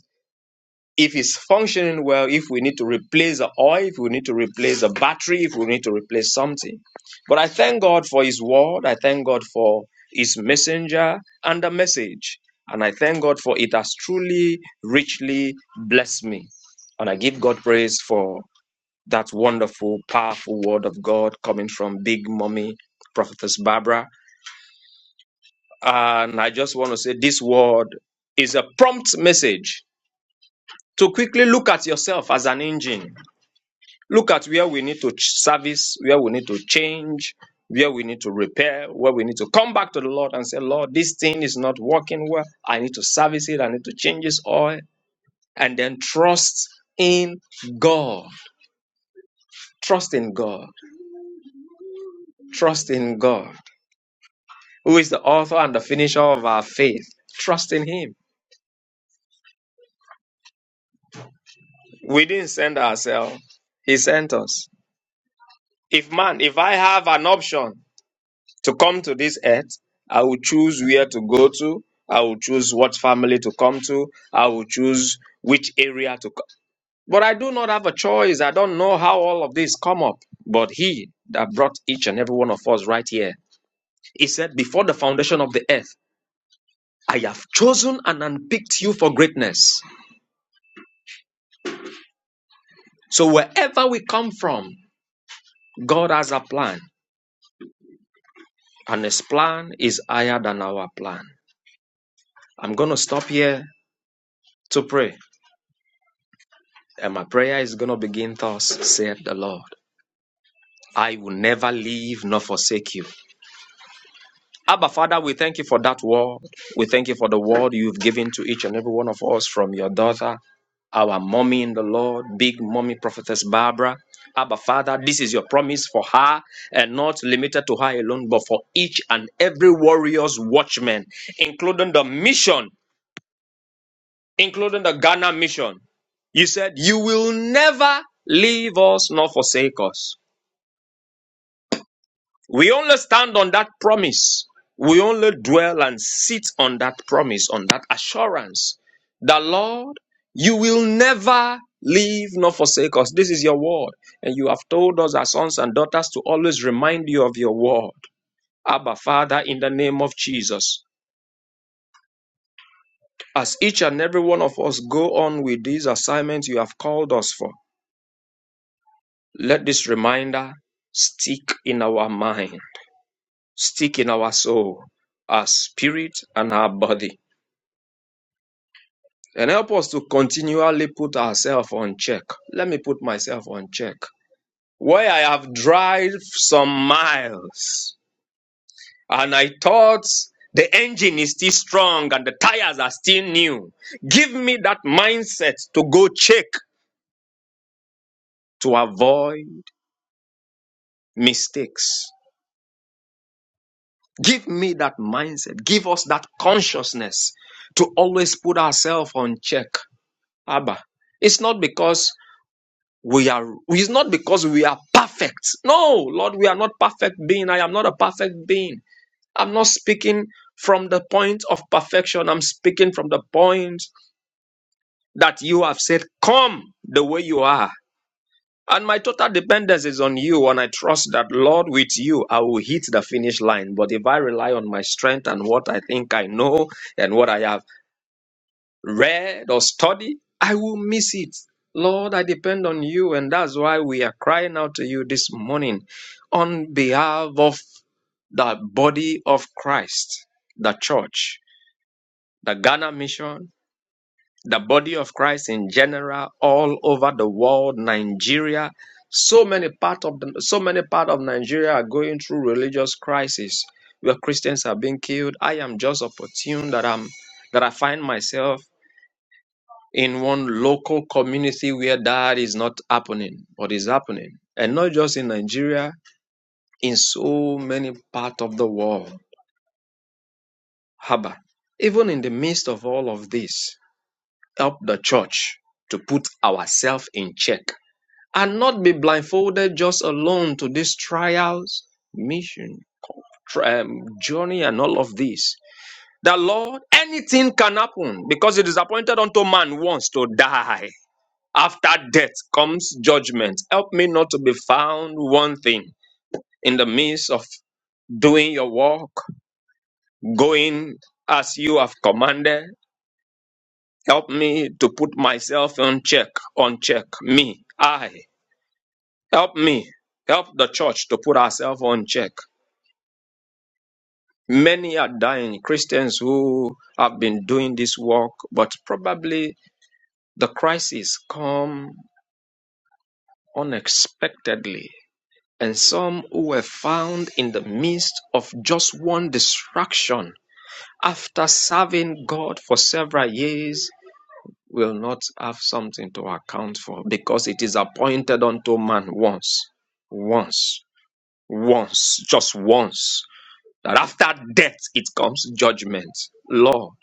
S4: if it's functioning well, if we need to replace the oil, if we need to replace the battery, if we need to replace something. But I thank God for His word. I thank God for His messenger and the message. And I thank God for it has truly, richly blessed me. And I give God praise for that wonderful, powerful word of God coming from Big Mommy, Prophetess Barbara. And I just want to say this word is a prompt message to quickly look at yourself as an engine Look at where we need to ch- service, where we need to change, where we need to repair, where we need to come back to the Lord and say, Lord, this thing is not working well. I need to service it. I need to change this oil. And then trust in God. Trust in God. Trust in God, who is the author and the finisher of our faith. Trust in Him. We didn't send ourselves, He sent us. If man, if I have an option, To come to this earth, I will choose where to go to. I will choose what family to come to. I will choose which area to come. But I do not have a choice. I don't know how all of this come up. But he that brought each and every one of us right here, he said, Before the foundation of the earth, I have chosen and unpicked you for greatness. So wherever we come from, God has a plan. And his plan is higher than our plan. I'm going to stop here to pray. And my prayer is going to begin thus, saith the Lord. I will never leave nor forsake you. Abba, Father, we thank you for that word. We thank you for the word you've given to each and every one of us from your daughter, our mommy in the Lord, big mommy prophetess Barbara. Abba, Father, this is your promise for her and not limited to her alone, but for each and every warrior's watchman, including the mission, including the Ghana mission. You said, You will never leave us nor forsake us. We only stand on that promise. We only dwell and sit on that promise, on that assurance that, Lord, you will never leave nor forsake us. This is your word. And you have told us, our sons and daughters, to always remind you of your word. Abba, Father, in the name of Jesus. As each and every one of us go on with these assignments you have called us for, let this reminder stick in our mind, stick in our soul, our spirit, and our body and help us to continually put ourselves on check. Let me put myself on check. Where I have driven some miles and I thought the engine is still strong and the tires are still new. Give me that mindset to go check to avoid mistakes. Give me that mindset. Give us that consciousness to always put ourselves on check. Abba. It's not because We are, it's not because we are perfect. No, Lord, we are not perfect being. I am not a perfect being. I'm not speaking from the point of perfection. I'm speaking from the point that you have said, come the way you are. And my total dependence is on you. And I trust that, Lord, with you, I will hit the finish line. But if I rely on my strength and what I think I know, and what I have. read or study, I will miss it. Lord, I depend on you, and that's why we are crying out to you this morning on behalf of the body of Christ, the church, the Ghana mission, the body of Christ in general, all over the world, Nigeria. So many part of the, so many part of Nigeria are going through religious crisis where Christians are being killed. I am just opportune that I'm that I find myself in one local community where that is not happening, but is happening. And not just in Nigeria, in so many parts of the world. Haba. Even in the midst of all of this, help the church to put ourselves in check and not be blindfolded just alone to these trials, mission, um, journey, and all of this. The Lord, anything can happen because it is appointed unto man once to die. After death comes judgment. Help me not to be found wanting in the midst of doing your work, going as you have commanded. Help me to put myself on check, on check. Me, I. Help me. Help the church to put ourselves on check. Many are dying, Christians who have been doing this work, but probably the crisis come unexpectedly and some who were found in the midst of just one distraction after serving God for several years will not have something to account for because it is appointed unto man once, once, once, just once. That after death it comes judgment. Lord,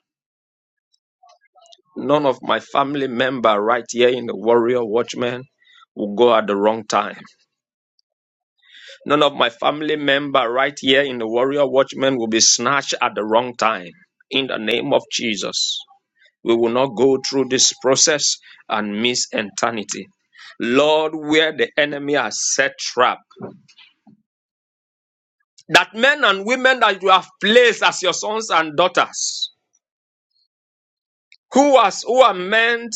S4: none of my family member right here in the warrior watchman will go at the wrong time None of my family member right here in the Warrior Watchman will be snatched at the wrong time. In the name of Jesus, we will not go through this process and miss eternity. Lord, where the enemy has set trap, that men and women that you have placed as your sons and daughters. who has who are meant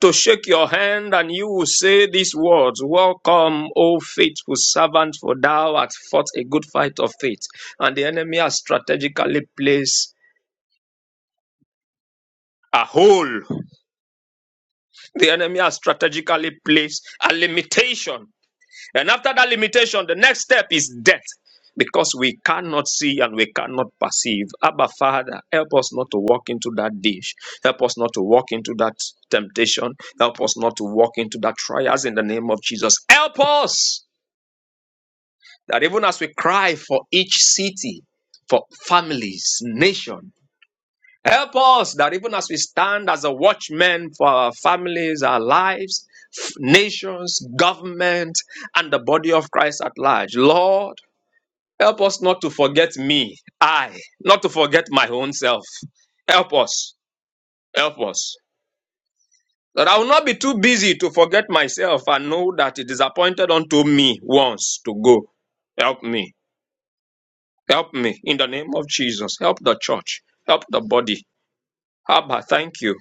S4: to shake your hand and you will say these words welcome o faithful servant for thou hast fought a good fight of faith and the enemy has strategically placed a hole the enemy has strategically placed a limitation And after that limitation, the next step is death. Because we cannot see and we cannot perceive. Abba, Father, help us not to walk into that dish. Help us not to walk into that temptation. Help us not to walk into that trials in the name of Jesus. Help us that even as we cry for each city, for families, nation. Help us that even as we stand as a watchman for our families, our lives, f- nations, government, and the body of Christ at large, Lord, help us not to forget me, I, not to forget my own self. Help us, help us. That I will not be too busy to forget myself and know that it is appointed unto me once to go. Help me, help me in the name of Jesus. Help the church, help the body. Abba, thank you.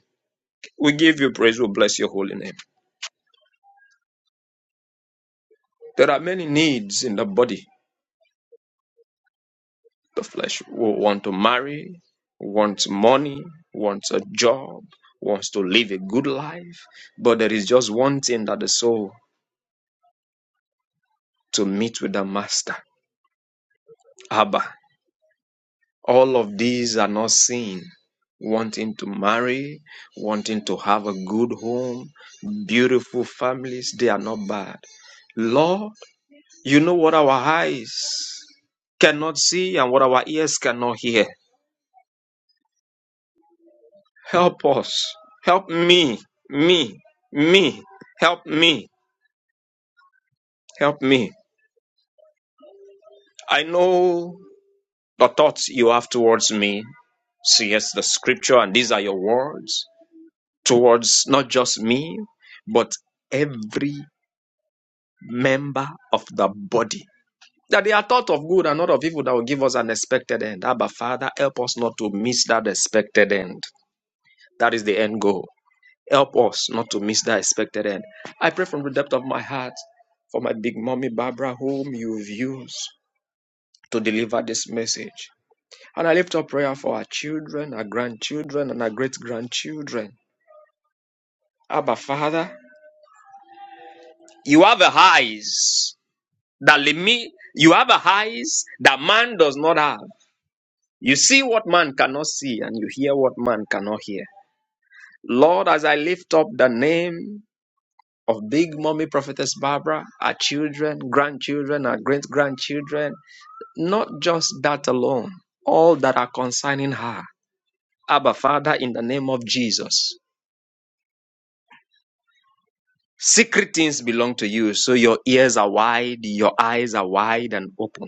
S4: We give you praise. We bless your holy name. There are many needs in the body, the flesh. We want to marry, wants money, wants a job, wants to live a good life. But there is just one thing that the soul to meet with the master. Abba. All of these are not seen. Wanting to marry, wanting to have a good home, beautiful families, they are not bad. Lord, You know what our eyes cannot see and what our ears cannot hear. Help us. Help me. Me. Me. Help me. Help me. I know the thoughts you have towards me. See, yes, the scripture, and these are your words towards not just me, but every member of the body. That they are thought of good and not of evil that will give us an expected end. Abba, Father, help us not to miss that expected end. That is the end goal Help us not to miss that expected end. I pray from the depth of my heart for my big mommy Barbara, whom you've used to deliver this message. And I lift up prayer for our children, our grandchildren, and our great grandchildren. Abba, Father, you have a eyes that limit, you have a eyes that man does not have. You see what man cannot see, and you hear what man cannot hear. Lord, as I lift up the name of Big Mommy Prophetess Barbara, our children, grandchildren, our great grandchildren. Not just that alone, all that are concerning her. Abba, Father, in the name of Jesus. Secret things belong to you, so your ears are wide, your eyes are wide and open.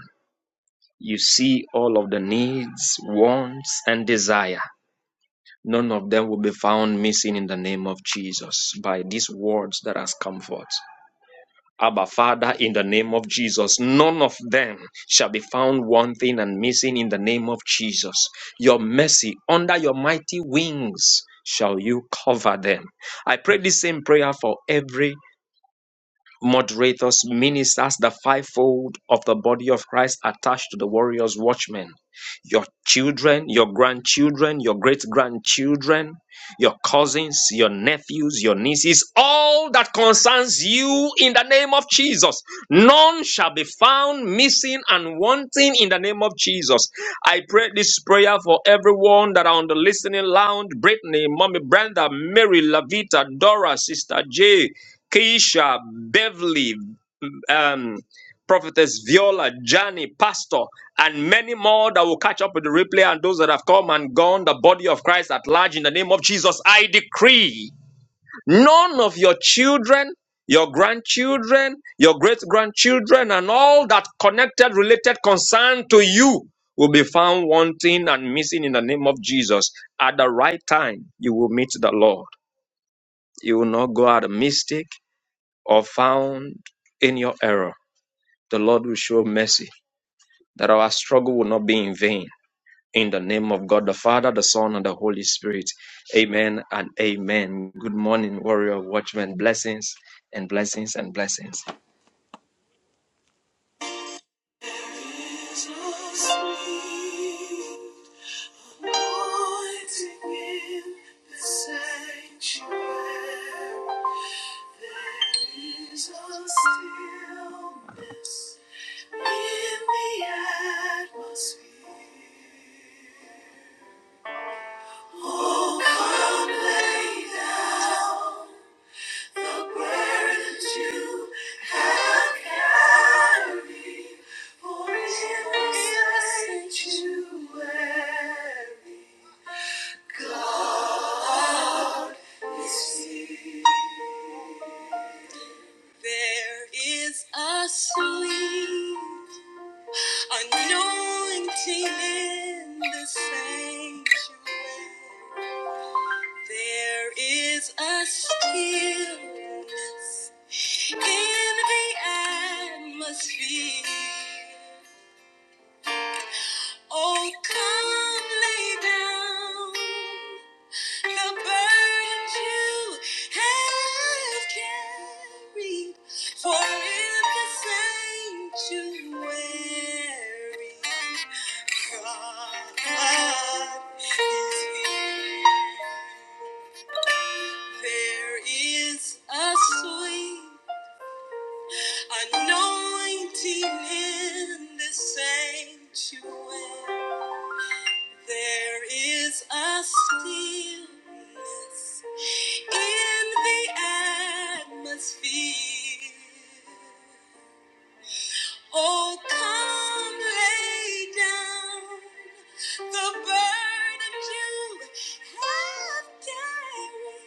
S4: You see all of the needs, wants, and desire. None of them will be found missing in the name of Jesus by these words that has come forth. Abba, Father, in the name of Jesus, none of them shall be found wanting and missing in the name of Jesus. Your mercy, under your mighty wings, shall you cover them. I pray the same prayer for every moderators, ministers, the fivefold of the body of Christ attached to the warriors, watchmen, your children, your grandchildren, your great grandchildren, your cousins, your nephews, your nieces, all that concerns you in the name of Jesus. None shall be found missing and wanting in the name of Jesus. I pray this prayer for everyone that are on the listening lounge Brittany, Mommy Brenda, Mary, Lavita, Dora, Sister J. Keisha, Beverly, um, Prophetess Viola, Johnny, Pastor, and many more that will catch up with the replay and those that have come and gone, the body of Christ at large, in the name of Jesus, I decree none of your children, your grandchildren, your great grandchildren, and all that connected, related concern to you will be found wanting and missing in the name of Jesus. At the right time, you will meet the Lord. You will not go out a mistake or found in your error, the Lord will show mercy, that our struggle will not be in vain. In the name of God, the Father, the Son, and the Holy Spirit. Amen and amen. Good morning, warrior watchmen. Blessings and blessings and blessings.
S2: Thank you. There is a sweet anointing in the sanctuary. There is a stillness in the atmosphere. Oh, come lay down The burdens you have carried, for in the sanctuary, God is here. There is a sweet anointing in the sanctuary. There is a stillness in the atmosphere. Oh, come lay down the burden you have carried.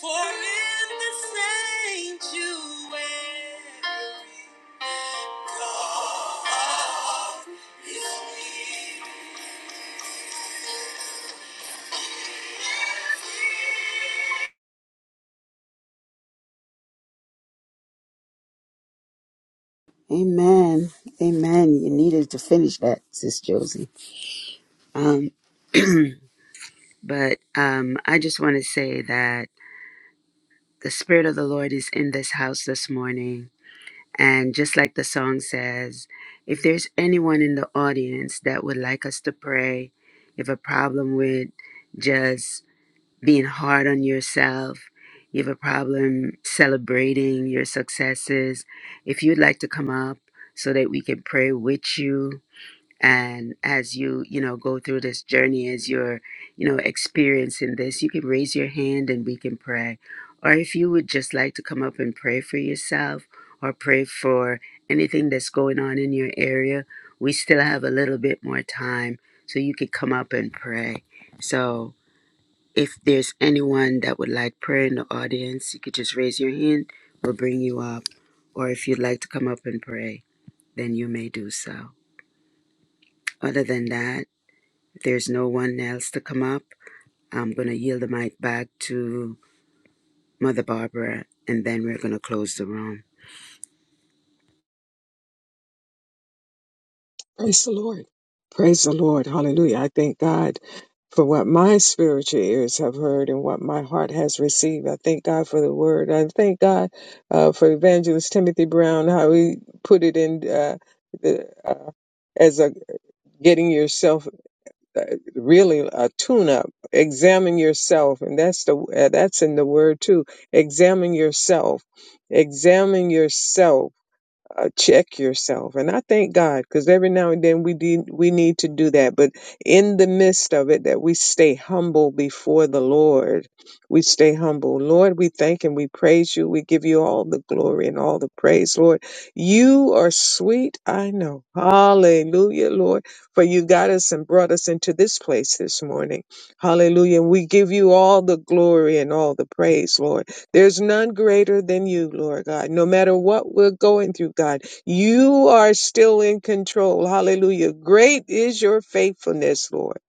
S2: For in the sanctuary, God is near.
S1: Amen. Amen. You needed to finish that, Sis Josie. Um, but um, I just want to say that the Spirit of the Lord is in this house this morning And just like the song says, if there's anyone in the audience that would like us to pray, you have a problem with just being hard on yourself, you have a problem celebrating your successes, if you'd like to come up so that we can pray with you, and as you you know go through this journey as you're you know experiencing this you can raise your hand and we can pray or if you would just like to come up and pray for yourself or pray for anything that's going on in your area we still have a little bit more time so you could come up and pray so if there's anyone that would like prayer in the audience you could just raise your hand we'll bring you up or if you'd like to come up and pray then you may do so other than that if there's no one else to come up, I'm going to yield the mic back to Mother Barbara, and then we're going to close the room.
S3: Praise the Lord. Praise the Lord. Hallelujah. I thank God for what my spiritual ears have heard and what my heart has received. I thank God for the word. I thank God uh, for Evangelist Timothy Brown, how he put it in uh, the, uh, as a getting yourself uh, really a tune up. Examine yourself. And that's the, uh, that's in the word too. Examine yourself. Examine yourself uh, check yourself. And I thank God because every now and then we de- we need to do that. But in the midst of it, that we stay humble before the Lord. We stay humble. Lord, we thank and we praise you. We give you all the glory and all the praise, Lord. You are sweet. I know. Hallelujah, Lord. For you got us and brought us into this place this morning. Hallelujah. And we give you all the glory and all the praise, Lord. There's none greater than you, Lord God. No matter what we're going through, God, you are still in control. Hallelujah. Great is your faithfulness, Lord.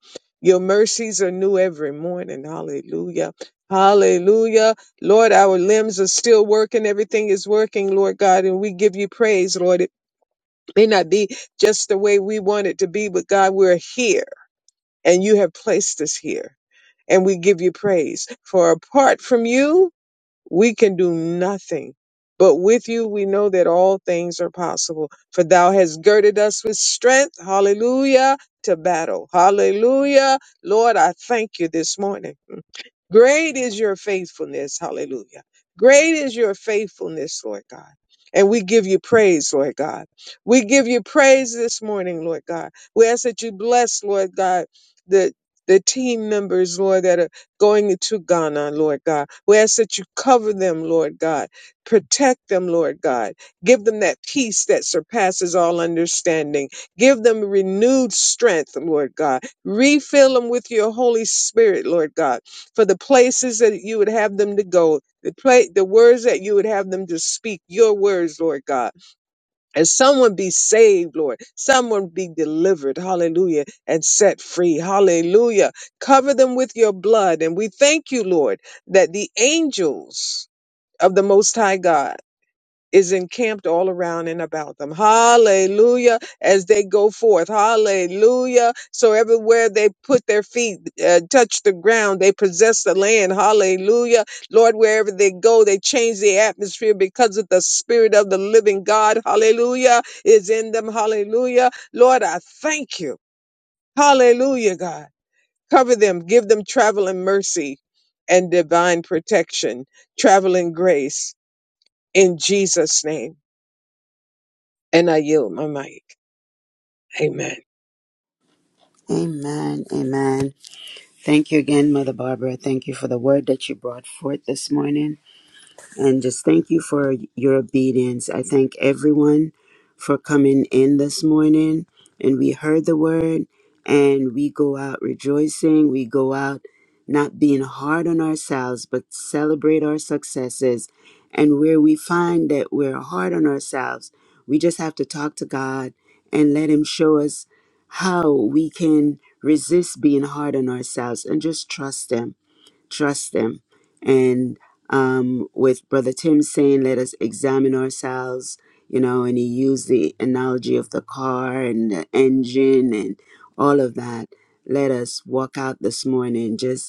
S3: Your mercies are new every morning. Hallelujah. Hallelujah. Lord, our limbs are still working. Everything is working, Lord God, and we give you praise, Lord. It may not be just the way we want it to be, but God, we're here and you have placed us here. And we give you praise. For apart from you, we can do nothing. But with you, we know that all things are possible. For thou hast girded us with strength, hallelujah, to battle. Hallelujah. Lord, I thank you this morning. Great is your faithfulness. Hallelujah. Great is your faithfulness, Lord God. And we give you praise, Lord God. We give you praise this morning, Lord God. We ask that you bless, Lord God, the the team members, Lord, that are going into Ghana, Lord God. We ask that you cover them, Lord God. Protect them, Lord God. Give them that peace that surpasses all understanding. Give them renewed strength, Lord God. Refill them with your Holy Spirit, Lord God for the places that you would have them to go, the play, the words that you would have them to speak, your words, Lord God. And someone be saved, Lord. Someone be delivered, hallelujah, and set free, hallelujah. Cover them with your blood. And we thank you, Lord, that the angels of the Most High God, is encamped all around and about them. Hallelujah. As they go forth. Hallelujah. So everywhere they put their feet, uh, touch the ground, they possess the land. Hallelujah. Lord, wherever they go, they change the atmosphere because of the spirit of the living God. Hallelujah. Is in them. Hallelujah. Lord, I thank you. Hallelujah, God. Cover them. Give them traveling mercy and divine protection, traveling grace in Jesus' name. And I yield my mic. Amen.
S1: Amen. Amen. Thank you again, Mother Barbara. Thank you for the word that you brought forth this morning. and just thank you for your obedience. I thank everyone for coming in this morning and we heard the word and we go out rejoicing. We go out not being hard on ourselves, but celebrate our successes. And where we find that we're hard on ourselves, we just have to talk to God and let Him show us how we can resist being hard on ourselves and just trust Him trust them. And um, with Brother Tim saying, let us examine ourselves, you know, and he used the analogy of the car and the engine and all of that. Let us walk out this morning just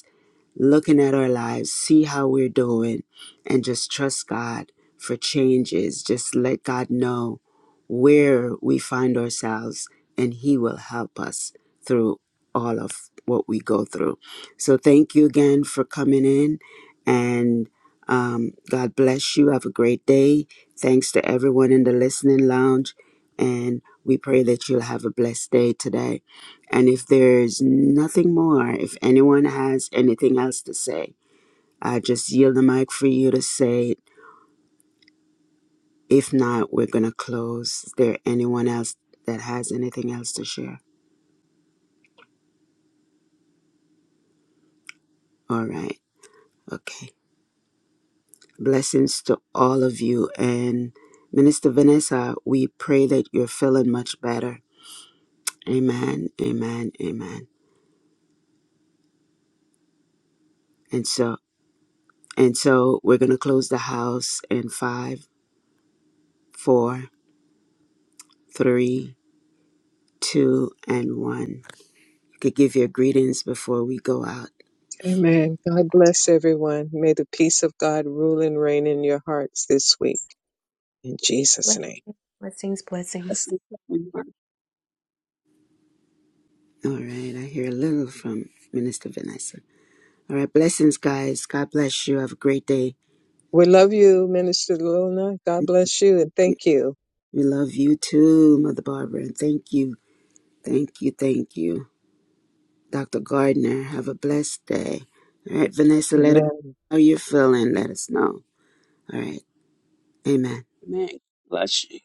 S1: looking at our lives, see how we're doing, and just trust God for changes. Just let God know where we find ourselves, and He will help us through all of what we go through. So, thank you again for coming in, and um, God bless you. Have a great day. Thanks to everyone in the listening lounge, and we pray that you'll have a blessed day today. And if there's nothing more, if anyone has anything else to say, I just yield the mic for you to say it. If not, we're going to close. Is there anyone else that has anything else to share? All right. Okay. Blessings to all of you. And Minister Vanessa, we pray that you're feeling much better. Amen. Amen. Amen. And so, and so we're going to close the house in five, four, three, two, and one. could give your greetings before we go out.
S3: Amen. God bless everyone. May the peace of God rule and reign in your hearts this week. In Jesus' name.
S2: Blessings, blessings.
S5: Blessings, everyone.
S1: All right. I hear a little from Minister Vanessa. All right. Blessings, guys. God bless you. Have a great day.
S3: We love you, Minister Luna. God bless you and
S1: We
S3: thank you.
S1: we love you too, Mother Barbara. And thank you. Thank you. Thank you. Dr. Gardner, have a blessed day. All right, Vanessa, let
S3: Amen.
S1: us know how you're feeling. Let us know. All right. Amen.
S5: Amen. Bless you.